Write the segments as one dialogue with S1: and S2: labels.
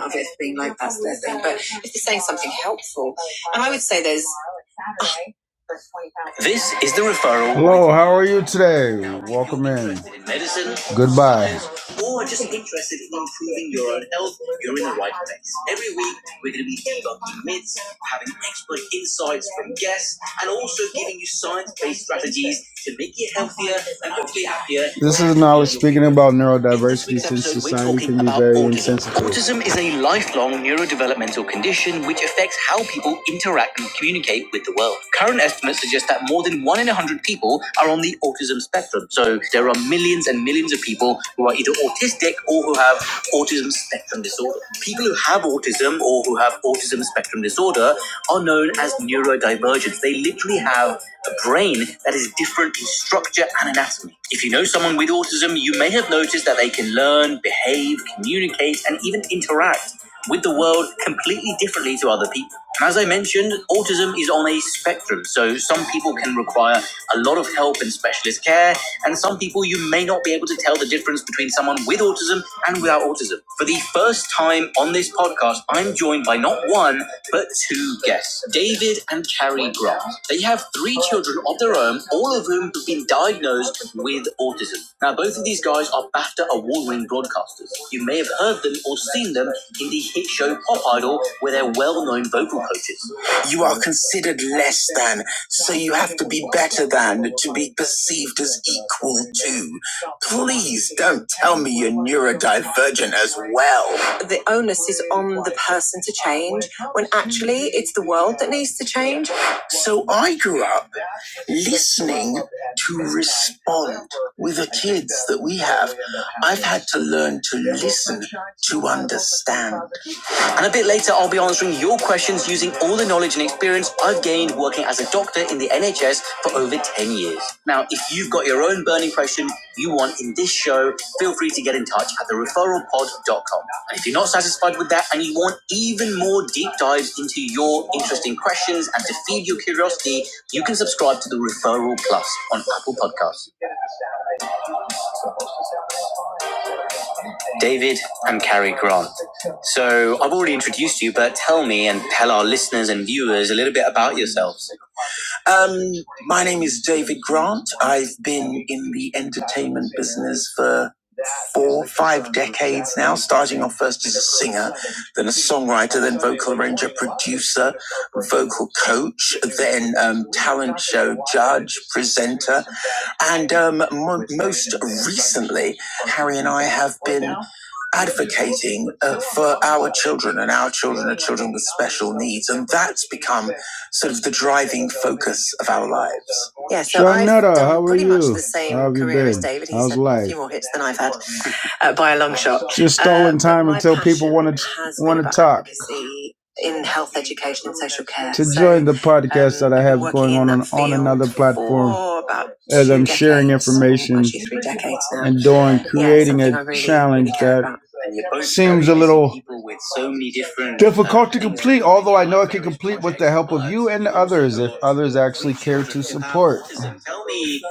S1: of it being like helpful. And I would say there's this is the referral. Hello, how are you today? Welcome in. Interested in medicine, Goodbye. or just interested in improving your own health, you're in the right place. Every week, we're going to be debunking myths, having expert insights from guests, and also giving you science based strategies to make you healthier and hopefully happier. This is knowledge speaking about neurodiversity since society talking can be about very insensitive. autism. insensitive. a lifelong neurodevelopmental condition which affects how people interact and communicate with the world. Current estimates suggest that more than one in a hundred people are on the autism spectrum. So there are millions and millions of people who are either autistic or who have autism spectrum disorder. People who have autism or who have autism spectrum disorder are known as neurodivergent. They literally have a brain that is different in structure and anatomy. If you know someone with autism, you may have noticed that they can learn, behave, communicate, and even interact with the world completely differently to other people. And as I mentioned, autism is on a spectrum, so some people can require a lot of help and specialist care, and some people you may not be able to tell tell the difference between someone with autism and without autism. For the first time on this podcast, I'm joined by not one, but two guests David and Carrie Grant. They have three children of their own, all of whom have been diagnosed with autism. Now, both of these guys are BAFTA award winning broadcasters. You may have heard them or seen them in the hit show Pop Idol, where they're well known vocal coaches. You are considered less than, so you have to be better than to be perceived as equal to. Please don't tell me you're neurodivergent as well. The onus is on the person to change when actually it's the world that needs to change. So I grew up listening to respond with the kids that we have. I've had to learn to listen to understand. And a bit later, I'll be answering your questions using all the knowledge and experience I've gained working as a doctor in the NHS for over 10 years. Now, if you've got your own burning question you want in this show, feel free to get in touch at thereferralpod.com. And if you're not satisfied with that and you want even more deep dives into your interesting questions and to feed your curiosity, you can subscribe to the Referral Plus on Apple Podcasts. David, and Carrie Grant. So I've already introduced you, but tell me and tell our listeners and viewers a little bit about yourselves. Um, my name is David Grant. I've been in the entertainment business for four, five decades now, starting off first as a singer, then a songwriter, then vocal arranger, producer, vocal coach, then um, talent show judge, presenter, and um, mo- most recently, Harry and I have been advocating uh, for our children and our children are children with special needs. And that's become sort of the driving focus of our lives. Yeah, so Shanetta, I've done pretty much the same How have career been? as David. He's How's had life? a few more hits than I've had uh, by a long shot. Just Uh, stolen but time until people want to want to talk. in health education and social care. To So join the podcast um, that I have going on on, on another platform as i I'm sharing decades, or information and doing Yeah, creating something a I really, really challenge that seems a little so difficult to complete, although I know I can complete with the help of you and others if others actually care to support. Tell me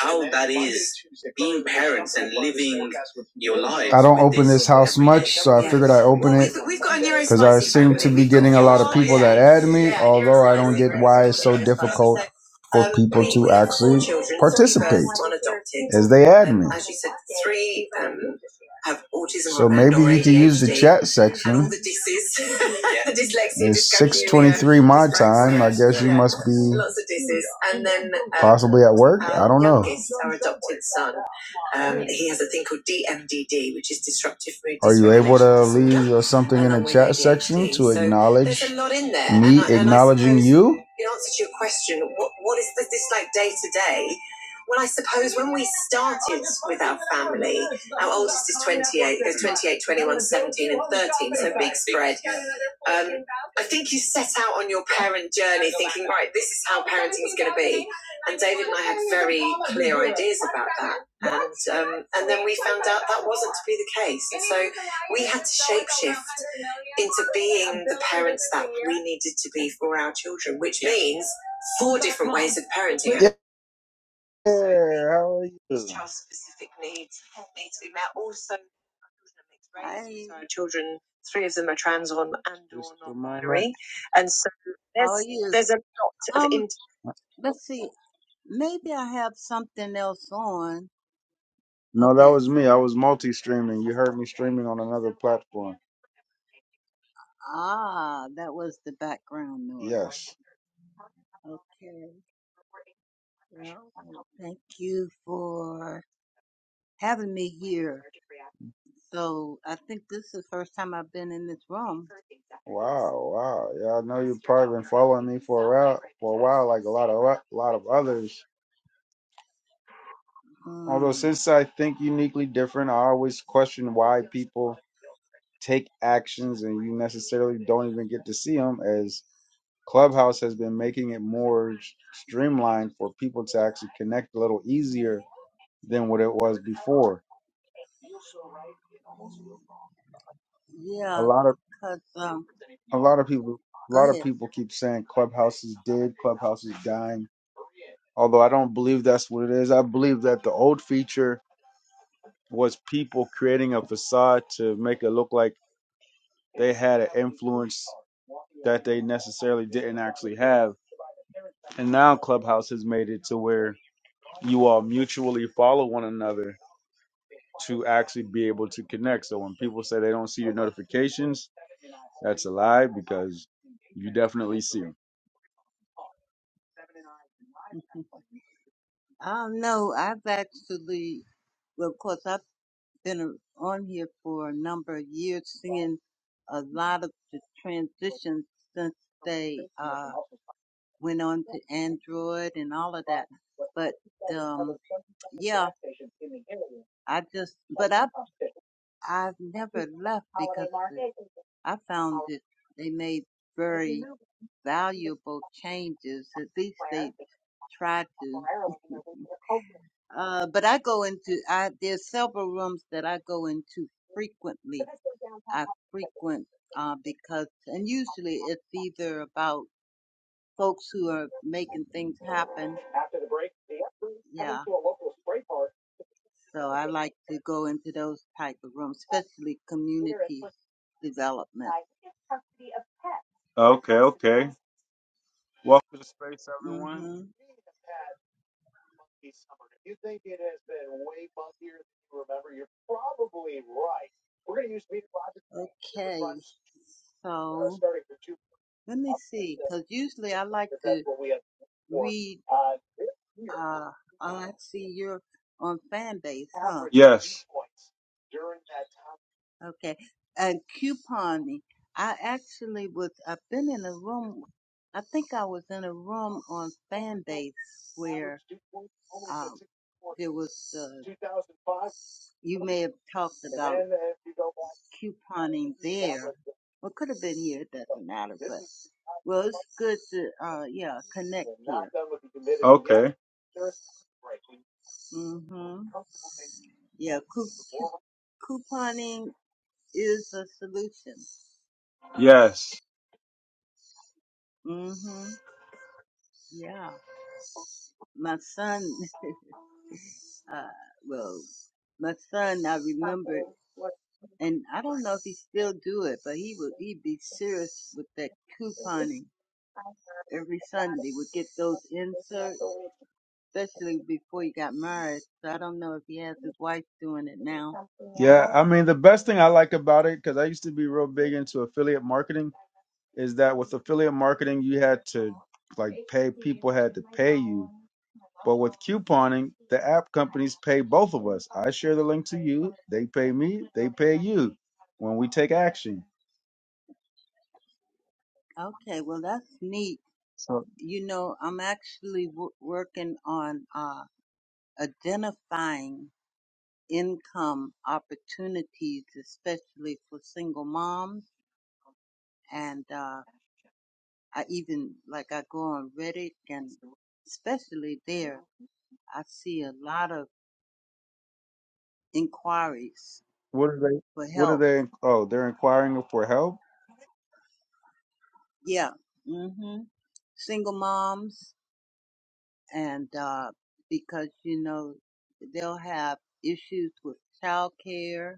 S1: how that is being parents and living your lives. I don't open this house much, so I figured I open it because I seem to be getting a lot of people that add me, although I don't get why it's so difficult for people to actually participate as they add me um, have autism So maybe you can use the chat section. the disses, the It's 6:23 my time. I guess you yeah, must be lots of And then um, possibly at work. Um, I don't know. our adopted son, um, he has a thing called DMDD, which is disruptive mood Are you able to leave or something in the along with chat A D H D section to So acknowledge a lot in there, and me and I and acknowledging you? in answer to your question, what what is this like day to day? Well, I suppose when we started with our family. I think you set out on your parent journey thinking, right, this is how parents be the case. We needed to be for our children, which means four different ways of parenting. Yeah, how are you? Child specific needs need to be met. Also, our children are mixed race.
S2: Hi,
S1: Also, our children, three of them are trans on and or a non binary. And so
S2: how are
S1: there's
S2: you?
S1: there's a lot of
S2: Um,
S1: in
S2: let's see. Maybe I have something else on.
S1: No, that
S2: Okay.
S1: was me. I was multi streaming. You heard me streaming on another platform.
S2: Ah, that was the background noise.
S1: Yes.
S2: Okay. Well, thank you for having me here. So I think this is the first time I've been in this room.
S1: Oh wow. Yeah, I know. lot of a lot of others. Although
S2: Hmm.
S1: since I think uniquely different, I always question why people take actions and you necessarily don't even get to see them as Clubhouse has been making it more s- streamlined for people to actually connect a little easier than what it was before. A
S2: Yeah,
S1: lot of
S2: 'cause um,
S1: a lot of people a
S2: go
S1: lot of
S2: ahead.
S1: people keep saying Clubhouse is dead, Clubhouse is dying. Although I don't believe that's what it is. I believe that the old feature was people creating a facade to make it look like they had an influence that they necessarily didn't actually have. And now Clubhouse has made it to where you all mutually follow one another to actually be able to connect. So when people say they don't see your notifications, that's a lie because you definitely see them.
S2: I don't know. I've actually, well, of course, I've been a- on here for a number of years, seeing a lot of the transitions since they uh, went on to Android and all of that. But um, yeah, I just but I I've never left because the- I found that they made very valuable changes. At least they tried to. Uh, but I go into I there's several rooms that I go into frequently I frequent uh, because, and usually it's either about folks who are making things happen. Yeah. So I like to go into those type of rooms, especially community development.
S1: Oh, welcome to the space, everyone.
S2: hmm Okay. So let me see, because usually I like to read. Uh, oh, I see you're on fan base, huh? Okay. And couponing. I actually was, I've been in a room, I think I was in a room on fan base where um, there was, uh, you may have talked about couponing there. Well, could have been here, it doesn't matter, but well, it's good to, uh, yeah, connect here. hmm Yeah, coup- coup- couponing is a solution.
S1: Yes.
S2: hmm Yeah. My son Uh, well, my son, I remember, and I don't know if he still do it, but he would, he'd be serious with that couponing every Sunday, would get those inserts, especially before he got married. So I don't know if he has his wife doing it now.
S1: I mean, the best thing I like about it, because I used to be real big into affiliate marketing, is that with affiliate marketing, you like,
S2: Okay, well, that's neat. You know, I'm actually w- working on, uh, identifying income opportunities, especially for single moms. And, uh, I even like I go on Reddit and especially there I see a lot of inquiries
S1: what are they?
S2: for
S1: What are
S2: help.
S1: they? Oh, they're inquiring for help.
S2: Yeah. Mhm. Single moms and uh because you know they'll have issues with childcare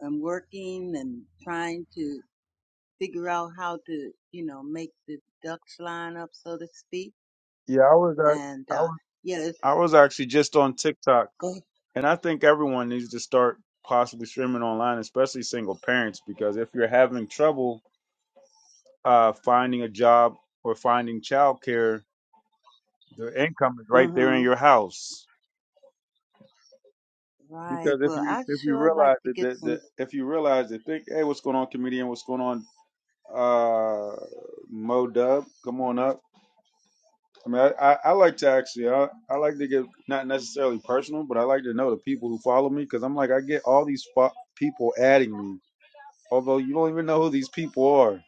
S2: and working and trying to figure out how to, you know, make the ducks line up so to speak.
S1: Yeah, I was
S2: And
S1: at. I
S2: uh
S1: was
S2: yeah, it's
S1: I was actually just on TikTok,
S2: good.
S1: and I think everyone needs to start possibly streaming online, especially single parents, because if you're having trouble uh, finding a job or finding childcare, the income is right there in
S2: Mhm.
S1: your house.
S2: Right.
S1: Because if
S2: Well,
S1: you
S2: I
S1: if you
S2: sure like
S1: realize
S2: to
S1: that,
S2: get
S1: that, that
S2: some
S1: if you realize that think hey what's going on comedian what's going on uh Mo Dub come on up I mean, I, I, I like to actually, I, I like to get not necessarily personal, but I like to know the people who follow me because I'm like, I get all these fo- people adding me, although you don't even know who these people are.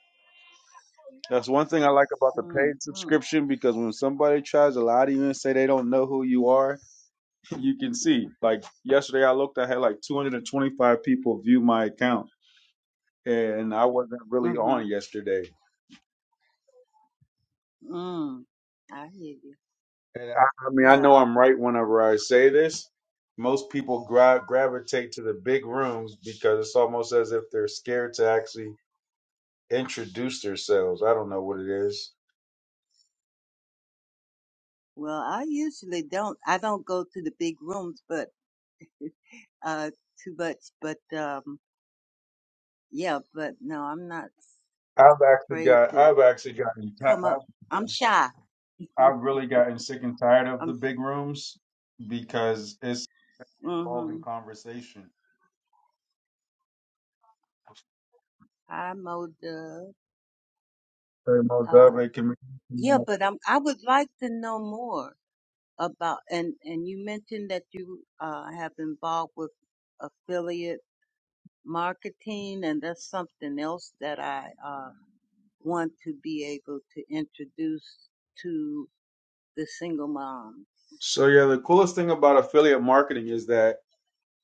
S1: That's one thing I like about the paid
S2: Mm, mm,
S1: subscription because when somebody tries to lie to you and say they don't know who you are, you can see. Like yesterday, I looked, I had like 225 people view my account, and I wasn't really on
S2: mm,
S1: yesterday.
S2: mm. I hear you.
S1: And I, I mean, I know
S2: Yeah.
S1: I'm right whenever I say this. Most people gra- gravitate to the big rooms because it's almost as if they're scared to actually introduce themselves. I don't know what it is.
S2: Well, I usually don't. I don't go to the big rooms, but uh, too much. But um, yeah. But no, I'm not
S1: I've actually
S2: afraid
S1: got,
S2: to
S1: I've actually gotten, ti-
S2: come up.
S1: I've,
S2: I'm shy.
S1: I've really gotten sick and tired of the
S2: I'm.
S1: big rooms because it's
S2: Mm-hmm.
S1: involving conversation.
S2: I mowed the.
S1: Hey, Mo
S2: Uh,
S1: Dub, hey, Camille, come on
S2: yeah.
S1: up.
S2: But I'm. I would like to know more about. And and you mentioned that you uh have involved with affiliate marketing, and that's something else that I uh want to be able to introduce to the single mom.
S1: So yeah, the coolest thing about affiliate marketing is that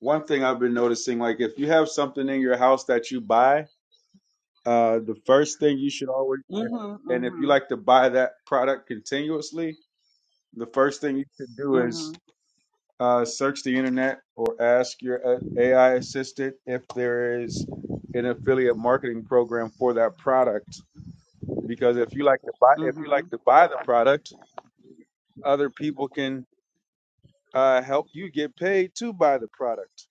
S1: one thing I've been noticing, like if you have something in your house that you buy Uh, the first thing you should always, if-
S2: Mhm,
S1: and if you
S2: mhm,
S1: like to buy that product continuously, the first thing you should do is
S2: mhm,
S1: uh, search the internet or ask your uh, AI assistant if there is an affiliate marketing program for that product. Because if you like to buy, if you like
S2: mhm.
S1: to buy the product, other people can uh, help you get paid to buy the product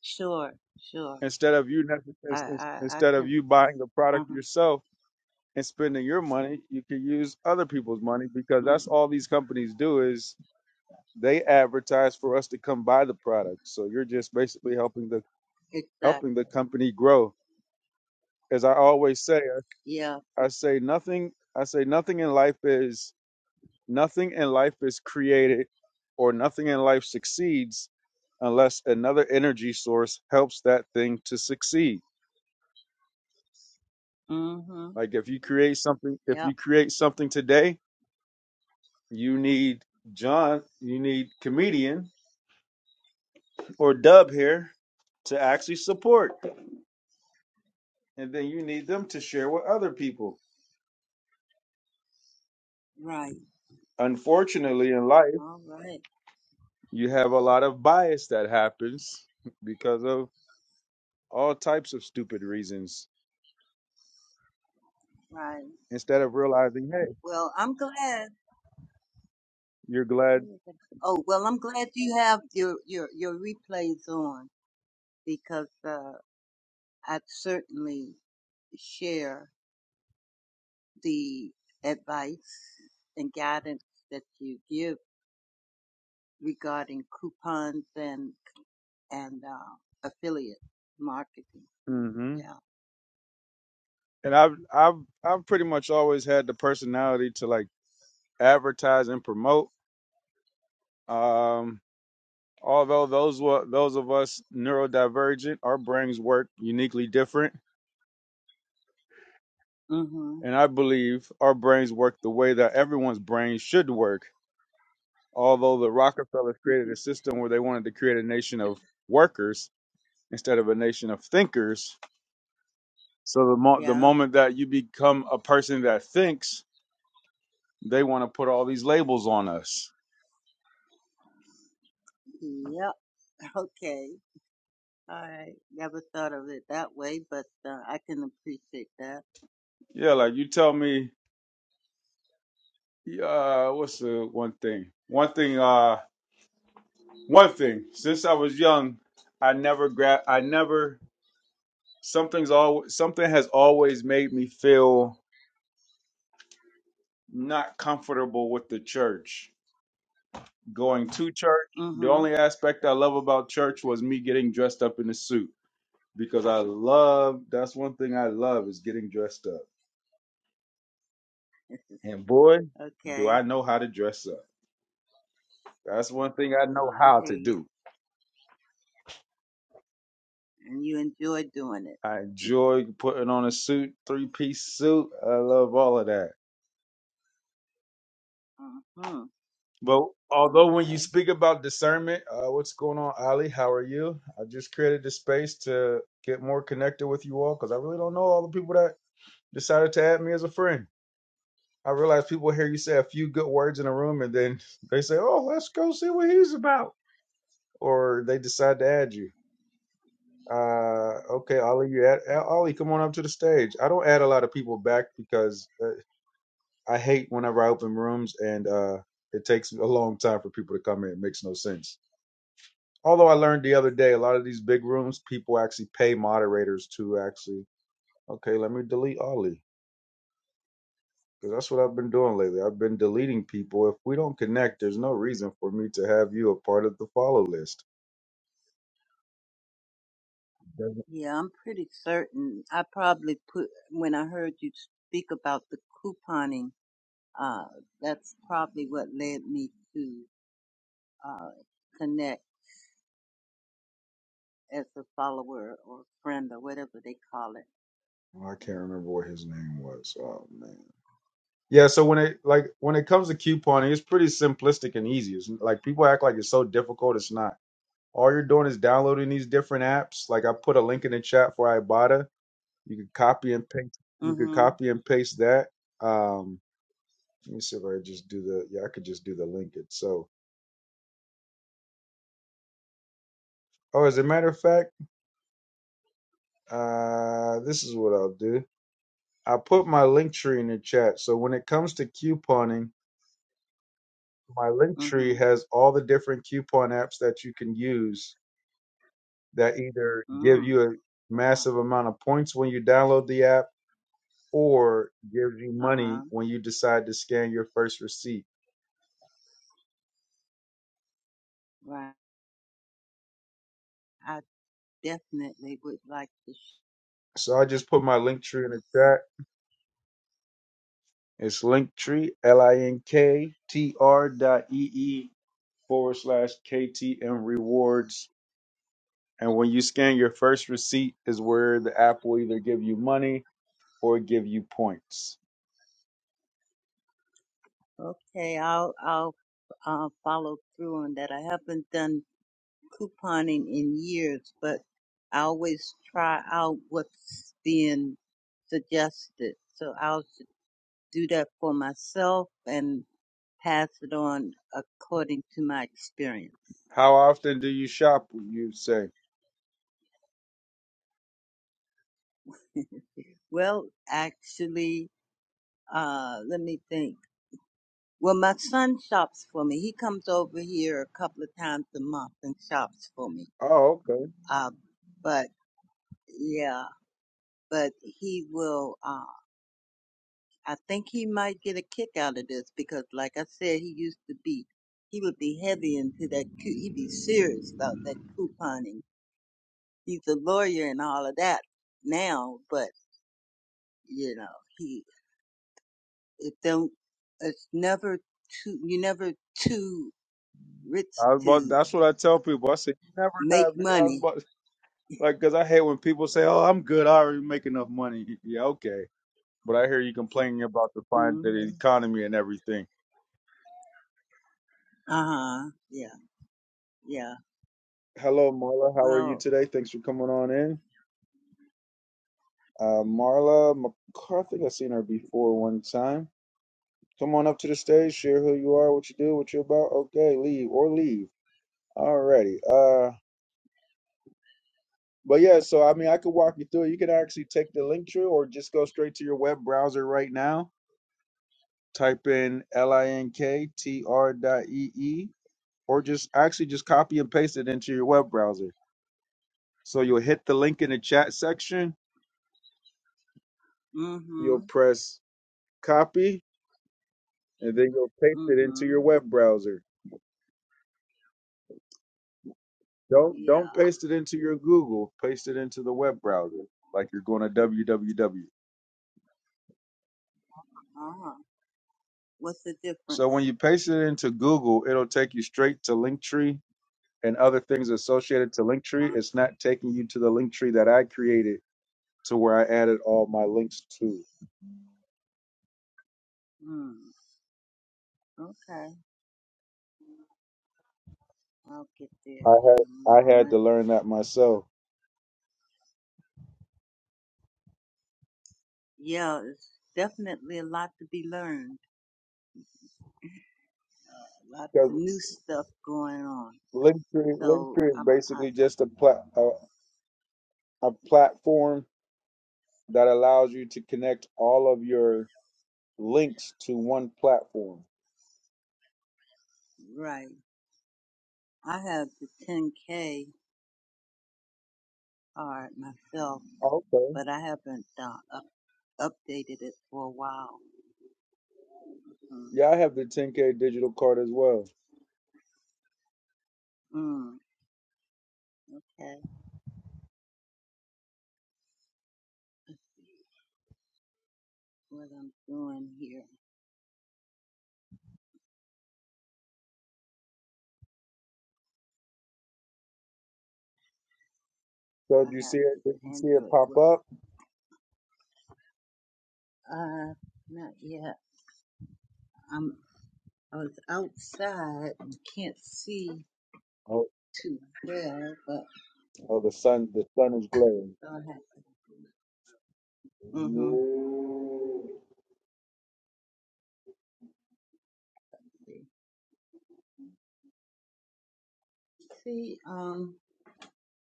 S2: Sure, sure.
S1: instead of you nec-
S2: I,
S1: ins- ins-
S2: I, I
S1: instead of
S2: can.
S1: you buying the product
S2: Mhm,
S1: yourself and spending your money, you can use other people's money because that's
S2: mhm.
S1: all these companies do is they advertise for us to come buy the product. So you're just basically helping the
S2: Exactly.
S1: helping the company grow. As I always say,
S2: Yeah,
S1: I, I
S2: for
S1: say
S2: sure.
S1: nothing I say nothing in life is nothing in life is created or nothing in life succeeds unless another energy source helps that thing to succeed.
S2: Mhm.
S1: Like if you create something if you
S2: Yep.
S1: create something today you need John, you need comedian or dub here to actually support. And then you need them to share with other people.
S2: Right.
S1: Unfortunately, in life,
S2: All right.
S1: you have a lot of bias that happens because of all types of stupid reasons.
S2: Right.
S1: Instead of realizing, hey,
S2: Well, I'm glad.
S1: you're glad.
S2: Oh, well, I'm glad you have your your your replays on because uh, I certainly share. the advice and guidance that you give regarding coupons and and uh, affiliate marketing.
S1: hmm
S2: Yeah.
S1: And I've I've I've pretty much always had the personality to like advertise and promote. Um, Although those were those of us neurodivergent, our brains work uniquely different,
S2: Mhm.
S1: and I believe our brains work the way that everyone's brain should work. Although the Rockefellers created a system where they wanted to create a nation of workers instead of a nation of thinkers, so the mo- the
S2: yeah.
S1: moment that you become a person that thinks, they want to put all these labels on us.
S2: Yep. Okay. All right. Never thought of it that way, but uh, I can appreciate that.
S1: Yeah, like you tell me, uh, what's the one thing? One thing, uh. One thing, since I was young, I never grab I never something's always something has always made me feel not comfortable with the church. Going to church, the
S2: Mhm.
S1: only aspect I love about church was me getting dressed up in a suit because I love that's one thing I love is getting dressed up. And boy, do I
S2: okay.
S1: know how to dress up. That's one thing I
S2: Uh,
S1: know
S2: I
S1: how
S2: hear
S1: to
S2: you.
S1: do.
S2: And you enjoy doing it.
S1: I enjoy putting on a suit, three-piece suit. I love all of that
S2: Mhm.
S1: But although when you
S2: Okay.
S1: speak about discernment, uh, what's going on, Ali? How are you? I just created this space to get more connected with you all because I really don't know all the people that decided to add me as a friend. I realize people hear you say a few good words in a room and then they say, "Oh, let's go see what he's about," or they decide to add you. Uh, okay, Ali, you add, uh, Ollie, come on up to the stage. I don't add a lot of people back because uh, I hate whenever I open rooms and uh, it takes a long time for people to come in. It makes no sense. Although I learned the other day, a lot of these big rooms, people actually pay moderators to actually, okay, let me delete Ollie. Because that's what I've been doing lately. I've been deleting people. If we don't connect, there's no reason for me to have you a part of the follow list. Doesn't-
S2: Yeah, I'm pretty certain. I probably put, when I heard you speak about the couponing, uh, that's probably what led me to, uh, connect as a follower or friend or whatever they call it.
S1: I can't remember what his name was. Oh man. Yeah, so when it like when it comes to couponing, it's pretty simplistic and easy. It's, like people act like it's so difficult. It's not. All you're doing is downloading these different apps. Like I put a link in the chat for Ibotta You could copy and paste. You could
S2: Mm-hmm.
S1: copy and paste that. Um, let me see if I could just do the. Yeah, I could just do the link it. So, oh, as a matter of fact, uh, this is what I'll do. I put my link tree in the chat. So when it comes to couponing, my link
S2: Mm-hmm.
S1: tree has all the different coupon apps that you can use that either give
S2: Mm.
S1: you a
S2: Wow.
S1: massive amount of points when you download the app or gives you money
S2: Uh-huh.
S1: when you decide to scan your first receipt.
S2: Right. I definitely would like to. Sh-
S1: So I just put my link tree in the chat It's Linktree, L-I-N-K-T-R dot E-E forward slash KTM rewards. And when you scan your first receipt is where the app will either give you money or give you points.
S2: okay. I'll, I'll, uh, follow through on that. I haven't done couponing in years, but I always try out what's being suggested. So I'll s- do that for myself and pass it on according to my experience.
S1: How often do you shop? You say,
S2: Well, actually, uh, let me think. Well, my son shops for me. He comes over here a couple of times a month and shops for me.
S1: oh, okay.
S2: Uh, but yeah, but he will. um, I think he might get a kick out of this because, like I said, he used to be, he would be heavy into that, cou- he'd be serious about that couponing. He's a lawyer and all of that now, but you know, he, it don't, it's never too, you're never too rich
S1: I was about,
S2: to
S1: that's what I tell people. I say, you never
S2: make
S1: have, I was
S2: money.
S1: about, like, cause I hate when people say, oh, I'm good. I already make enough money. Yeah, okay. But I hear you complaining about the, fin- the
S2: hmm
S1: economy and everything.
S2: Uh huh. Yeah. Yeah.
S1: Hello, Marla. How are you
S2: Well.
S1: today? Thanks for coming on in. Uh, Marla McCarthy, I think I've seen her before one time. Come on up to the stage, share who you are, what you do, what you're about. Okay, leave or leave. Alrighty. Uh, but yeah, so I mean, I could walk you through. it. You can actually take the link through or just go straight to your web browser right now. Type in linktr dot ee or just actually just copy and paste it into your web browser. So you'll hit the link in the chat section.
S2: Mm-hmm.
S1: You'll press copy and then you'll paste it into
S2: Mm-hmm.
S1: your web browser. Don't
S2: Yeah.
S1: don't paste it into your Google. Paste it into the web browser, like you're going to www.
S2: Uh huh. What's the
S1: So when
S2: difference?
S1: you paste it into Google, it'll take you straight to Linktree and other things associated to Linktree.
S2: Uh,
S1: It's not taking you to the Linktree that I created, to where I added all my links to.
S2: mm, okay. I'll get there
S1: I
S2: in a
S1: had I had
S2: moment.
S1: to learn that myself
S2: Yeah, it's definitely a lot to be learned. Lots
S1: because
S2: of new stuff going on.
S1: Linktree
S2: So
S1: Linktree is
S2: I'm I,
S1: basically just a plat a, a platform that allows you to connect all of your links to one platform.
S2: right. I have the 10K card myself,
S1: Okay.
S2: but I haven't uh, up, updated it for a while. Mm,
S1: Yeah, I have the 10K digital card as well.
S2: mm, okay, let's see what I'm doing here.
S1: So
S2: I
S1: did you see
S2: have
S1: it?
S2: this
S1: Did you see it
S2: Android.
S1: pop
S2: Well,
S1: up?
S2: uh, not yet. I'm I was outside and can't see
S1: Oh,
S2: too well, but
S1: oh the sun, the sun is glaring.
S2: Go ahead. Mm-hmm. See, um,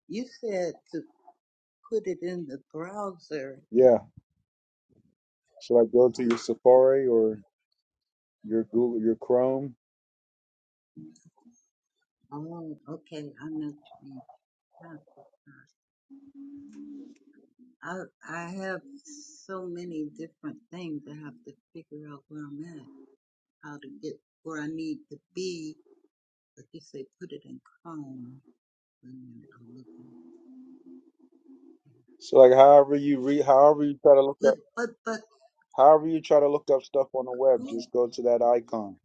S2: you said to put it in the browser.
S1: Yeah. So like go to your Safari or your Google, your Chrome.
S2: Oh, okay. I know what you mean. How to- I I have so many different things. I have to figure out where I'm at, how to get where I need to be. Like you say, put it in Chrome. Wait a minute, I'm looking.
S1: So like however you read, however you try to look
S2: But
S1: up,
S2: but but
S1: however you try to look up stuff on the web,
S2: Chrome.
S1: just go to that icon.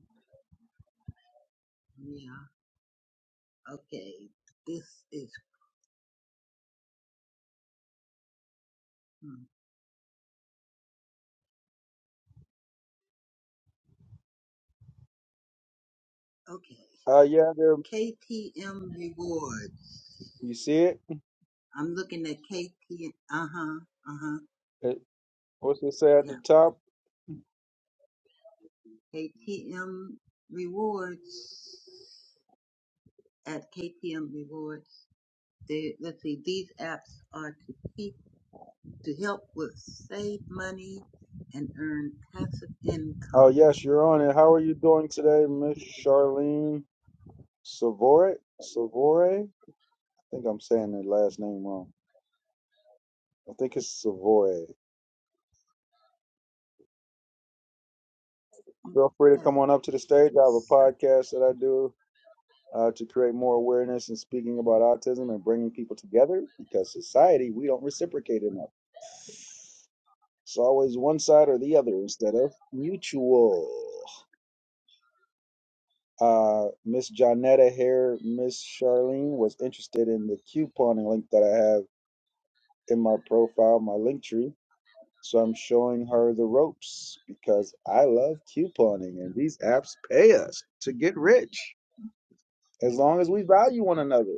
S2: Yeah. Okay. This is Chrome. Okay.
S1: Uh, yeah, there.
S2: KTM Reward.
S1: You see it?
S2: I'm looking at KTM. Uh huh. Uh huh.
S1: It- What's it say at the
S2: Yeah.
S1: top?
S2: KTM Rewards. At KTM Rewards. They, let's see. These apps are to keep to help with save money and earn passive
S1: Oh,
S2: income.
S1: yes, you're on it. How are you doing today, Miss Charlene Savore? Savore? I think I'm saying the last name wrong. I think it's Savore. Feel free to come
S2: Okay.
S1: on up to the stage. I have a
S2: So,
S1: podcast that I do uh, to create more awareness and speaking about autism and bringing people together because society, we don't reciprocate enough. It's always one side or the other instead of mutual. Uh, Miss Jonetta here, Miss Charlene, was interested in the couponing link that I have in my profile, my link tree. So I'm showing her the ropes because I love couponing and these apps pay us to get rich as long as we value one another.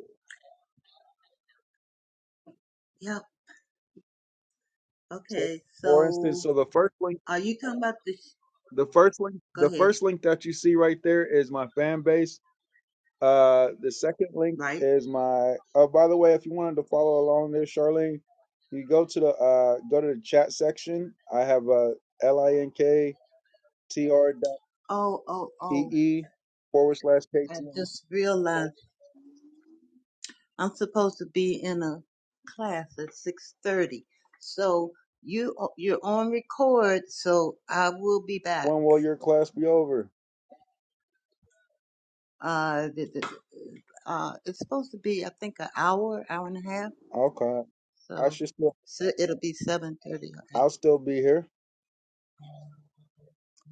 S2: yep.
S1: So
S2: Okay.
S1: for instance,
S2: So,
S1: so the first link,
S2: are you talking about the?
S1: the first link,
S2: Go
S1: the
S2: ahead.
S1: first link that you see right there is my fan base Uh, the second link
S2: Right.
S1: is my. Oh, by the way, if you wanted to follow along there, Charlene, you go to the uh go to the chat section. I have uh l i n k t r dot
S2: Oh, oh,
S1: e
S2: oh.
S1: e forward slash k
S2: I
S1: t.
S2: just realized I'm supposed to be in a class at 6:30. So you you're on record, so I will be back.
S1: When will your class be over?
S2: Uh, the, the, uh, it's supposed to be I think an hour, hour and a half.
S1: Okay, I
S2: So,
S1: should still.
S2: so it'll be 7:30 or 8.
S1: I'll still be here.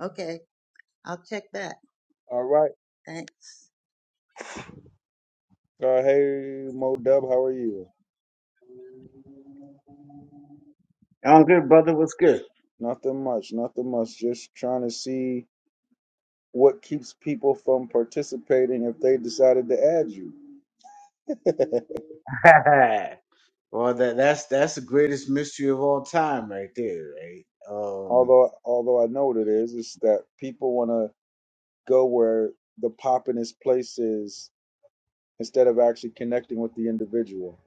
S2: Okay, I'll check back.
S1: All right.
S2: Thanks.
S1: Uh, hey Mo Dub, how are you?
S3: I'm good, brother. What's good?
S1: Nothing much. Nothing much. Just trying to see what keeps people from participating if they decided to add you.
S3: well, that that's that's the greatest mystery of all time, right there, right? Um,
S1: although although I know what it is, is that people want to go where the poppinest place is instead of actually connecting with the individual.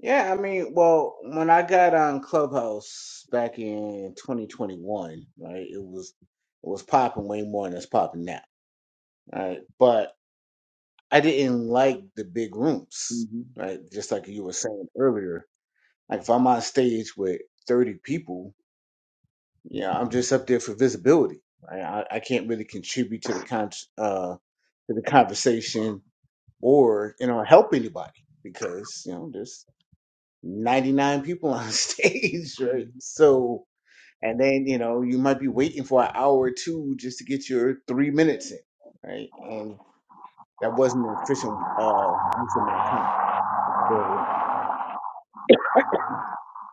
S3: yeah, I mean, well, when I got on Clubhouse back in 2021, right, it was it was popping way more than it's popping now, right? But I didn't like the big rooms,
S1: hmm
S3: right? Just like you were saying earlier, like if I'm on stage with 30 people, yeah, I'm just up there for visibility. Right? I, I can't really contribute to the con. uh to the conversation or you know help anybody because you know there's 99 people on stage right so and then you know you might be waiting for an hour or two just to get your three minutes in right and that wasn't an efficient uh use of my time so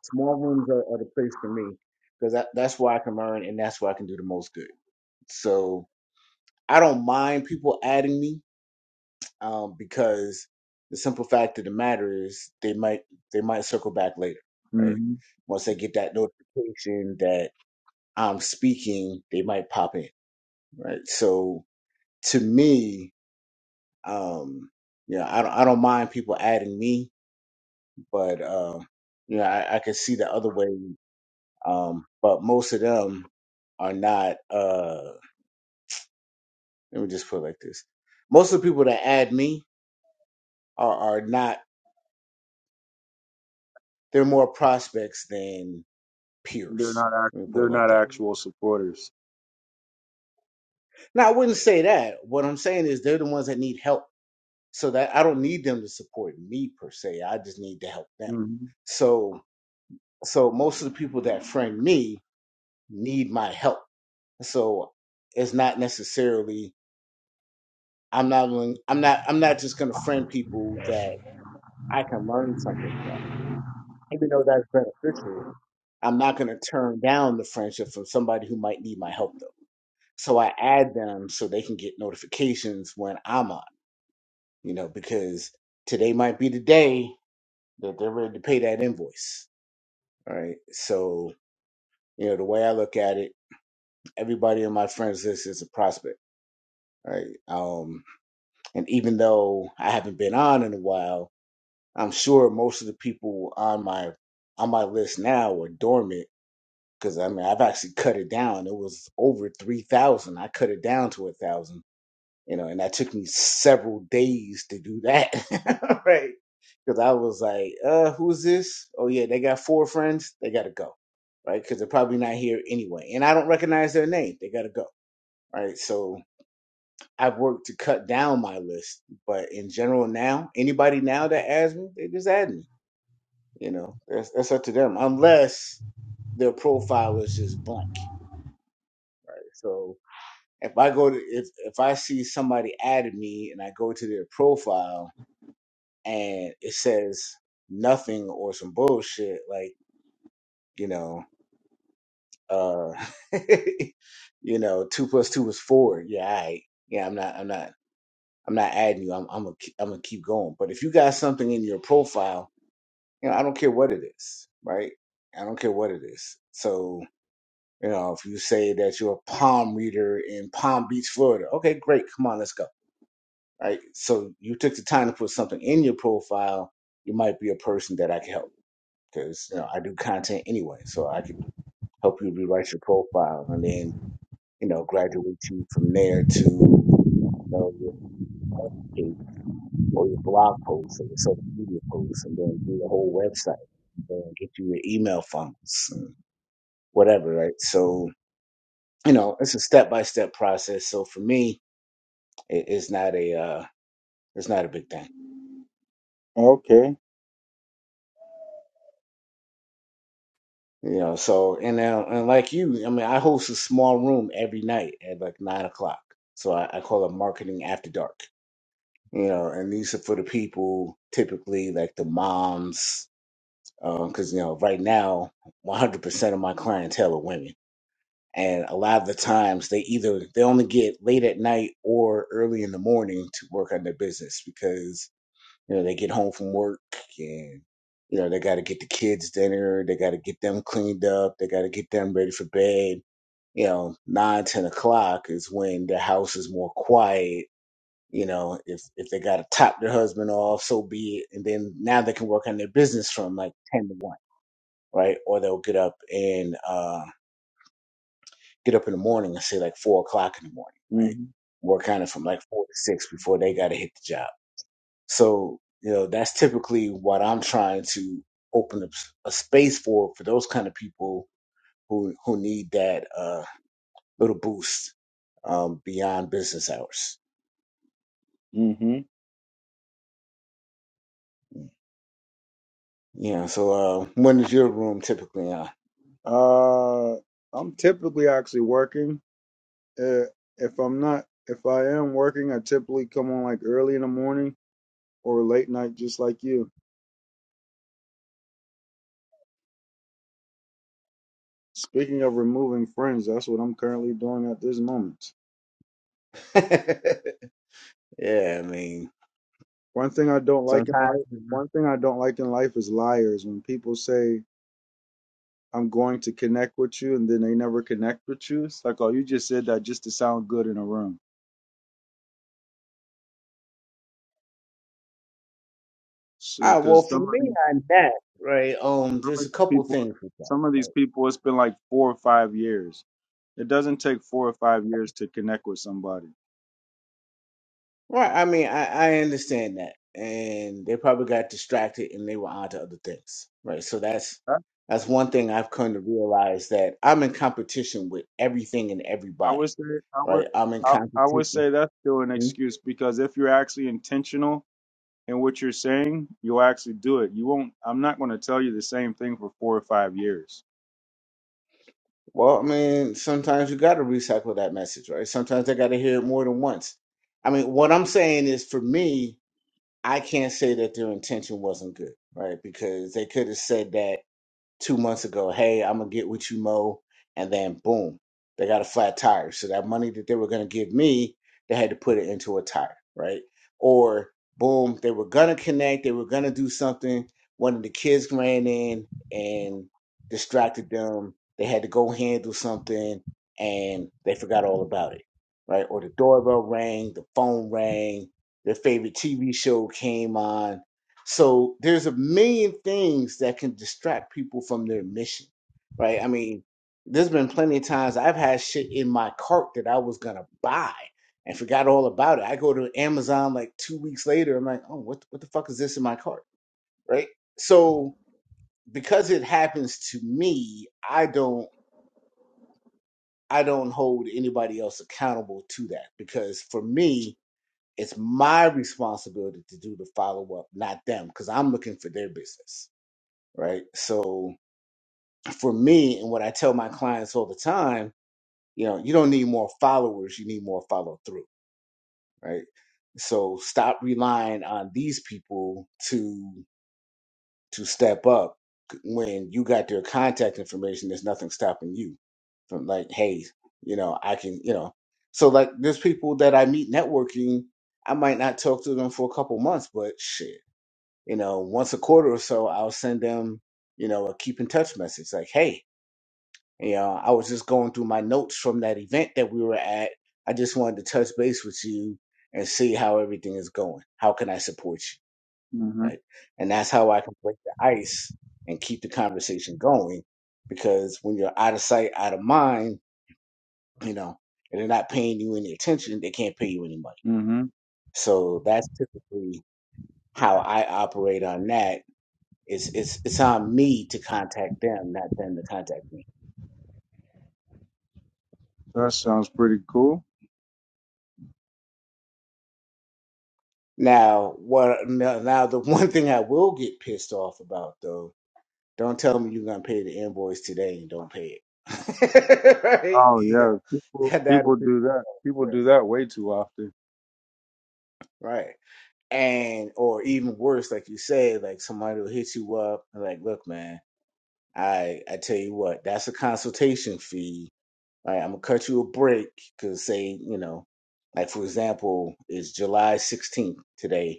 S3: small rooms are, are the place for me because that, that's where i can learn and that's where i can do the most good so i don't mind people adding me um, because the simple fact of the matter is they might they might circle back later, right?
S1: hmm
S3: Once they get that notification that I'm speaking, they might pop in, right? So to me, um, yeah, I don't I don't mind people adding me, but um, you know, I, I can see the other way. Um, but most of them are not. Uh, let me just put it like this: most of the people that add me are are not. They're more prospects than
S1: They're
S3: peers.
S1: not act-
S3: Let me put it
S1: they're
S3: like
S1: not
S3: that.
S1: actual supporters.
S3: Now, I wouldn't say that. What I'm saying is they're the ones that need help. So that I don't need them to support me per se. I just need to help them.
S1: hmm
S3: So, so most of the people that friend me need my help. So it's not necessarily I'm not willing, I'm not I'm not just going to friend people that I can learn something from. Even though that's beneficial, I'm not going to turn down the friendship from somebody who might need my help though. So I add them so they can get notifications when I'm up you know, because today might be the day that they're ready to pay that invoice. All right. So, you know, the way I look at it, everybody on my friends list is a prospect. Right. Um, and even though I haven't been on in a while, I'm sure most of the people on my on my list now are dormant because I mean I've actually cut it down. It was over three thousand. I cut it down to a thousand you know, and that took me several days to do that, right? Because I was like, uh, who's this? Oh yeah, they got four friends. They gotta go, right? Because they're probably not here anyway, and I don't recognize their name. They gotta go, right? So I've worked to cut down my list, but in general now, anybody now that adds me, they just add me. You know, that's that's up to them, unless their profile is just blank. So if I go to if if I see somebody added me and I go to their profile and it says nothing or some bullshit like you know uh you know two plus two is four yeah all right. yeah i'm not i'm not i'm not adding you i'm i'm gonna keep- i'm gonna keep going but if you got something in your profile you know i don't care what it is right i don't care what it is so you know if you say that you're a palm reader in palm beach florida okay great come on let's go right so you took the time to put something in your profile you might be a person that i can help because you know I do content anyway, so I could help you rewrite your profile and then you know graduate you from there to you know your web page or your blog post or your social media post, and then do the whole website, and then get you your email funnels, and whatever, right? So you know it's a step by step process. So for me, it, it's not a uh, it's not a big thing.
S1: Okay.
S3: You know, so and uh, and like you, I mean, I host a small room every night at like nine o'clock. So I, I call it marketing after dark you know, and these are for the people typically like the moms, because you know, right now, 100% of my clientele are women, and a lot of the times they either they only get late at night or early in the morning to work on their business because you know they get home from work and you know they got to get the kids dinner, they got to get them cleaned up, they got to get them ready for bed. You know, nine ten o'clock is when the house is more quiet you know if if they got to top their husband off so be it and then now they can work on their business from like 10 to 1 right or they'll get up and uh get up in the morning and say like 4 o'clock in the morning right
S1: hmm
S3: work on it from like 4 to 6 before they got to hit the job so you know that's typically what i'm trying to open up s- a space for for those kind of people who who need that uh little boost um beyond business hours
S1: hmm
S3: you know so uh when is your room typically on
S1: Uh, I'm typically actually working. Uh, if I'm not, if I am working, I typically come on like early in the morning or late night, just like you. Speaking of removing friends, that's what I'm currently doing at this moment.
S3: Yeah, I mean,
S1: One thing I don't like in
S3: sometimes.
S1: life, one thing I don't like in life is liars. When people say I'm going to connect with you and then they never connect with you, it's like, oh, you just said that just to sound good in a room.
S3: Ah, well,
S1: Because
S3: for
S1: some of
S3: me
S1: these
S3: on that, right? Um,
S1: some of
S3: there's a
S1: these
S3: couple
S1: people,
S3: things with that.
S1: some of these
S3: Right,
S1: people, it's been like four or five years. It doesn't take four or five years to connect with somebody
S3: Right, I mean, I, I understand that, and they probably got distracted and they were onto other things, right? So that's that's one thing I've come to realize that I'm in competition with everything and
S1: I
S3: everybody,
S1: would say I would
S3: right? I'm in
S1: I, I would
S3: competition.
S1: say that's still an
S3: Hmm.
S1: excuse because if you're actually intentional in what you're saying, you'll actually do it. You won't. I'm not going to tell you the same thing for four or five years.
S3: Well, I mean, sometimes you got to recycle that message, right? Sometimes I got to hear it more than once. I mean, what I'm saying is for me, I can't say that their intention wasn't good, right? Because they could have said that two months ago, hey, I'm gonna get with you, Mo, and then boom, they got a flat tire. So that money that they were gonna give me, they had to put it into a tire, right? Or boom, they were gonna connect, they were gonna do something. One of the kids ran in and distracted them. They had to go handle something and they forgot all about it, right? Or the doorbell rang, the phone rang, their favorite TV show came on, so there's a million things that can distract people from their mission, right? I mean, there's been plenty of times I've had shit in my cart that I was gonna buy and forgot all about it. I go to Amazon like two weeks later. I'm like, oh, what what the fuck is this in my cart, right? So because it happens to me, I don't I don't hold anybody else accountable to that because for me, it's my responsibility to do the follow up, not them, because I'm looking for their business right? So for me, and what I tell my clients all the time, you know, you don't need more followers, you need more follow through, right? So stop relying on these people to to step up when you got their contact information. There's nothing stopping you from like, hey, you know, I can, you know. So like, there's people that I meet networking. I might not talk to them for a couple months, but shit, you know, once a quarter or so, I'll send them, you know, a keep in touch message like, hey, Yeah, I was just going through my notes from that event that we were at. I just wanted to touch base with you and see how everything is going. How can I support you?
S1: hmm
S3: Right. And that's how I can break the ice and keep the conversation going. Because when you're out of sight, out of mind, you know, and they're not paying you any attention, they can't pay you any money.
S1: hmm
S3: So that's typically how I operate on that. It's it's it's on me to contact them, not them to contact me.
S1: That sounds pretty cool.
S3: Now, what? Now, now the one thing I will get pissed off about though, don't tell me you're gonna pay the invoice today and don't pay it. right?
S1: Oh
S3: You
S1: yeah,
S3: know,
S1: people
S3: that that is
S1: people do
S3: me
S1: that.
S3: off.
S1: People
S3: Right.
S1: do that way too often.
S3: Right. And or even worse, like you say, like somebody will hit you up and like, look, man, I I tell you what, that's a consultation fee. All right, I'm gonna cut you a break because say, you know, like for example, it's July 16th today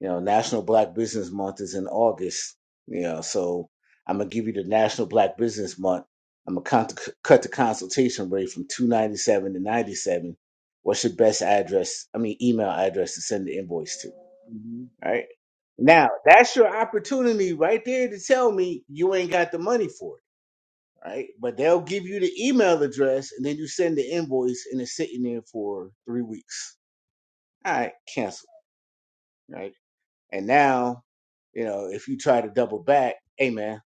S3: You know, National Black Business Month is in August. You know, so I'm gonna give you the National Black Business Month. I'm gonna con- cut the consultation rate from 297 to 97. What's your best address? I mean, email address to send the invoice to.
S1: hmm
S3: All Right now, that's your opportunity right there to tell me you ain't got the money for it. Right, but they'll give you the email address, and then you send the invoice, and it's sitting there for three weeks. All right, cancel. Right And now, you know, if you try to double back, hey man,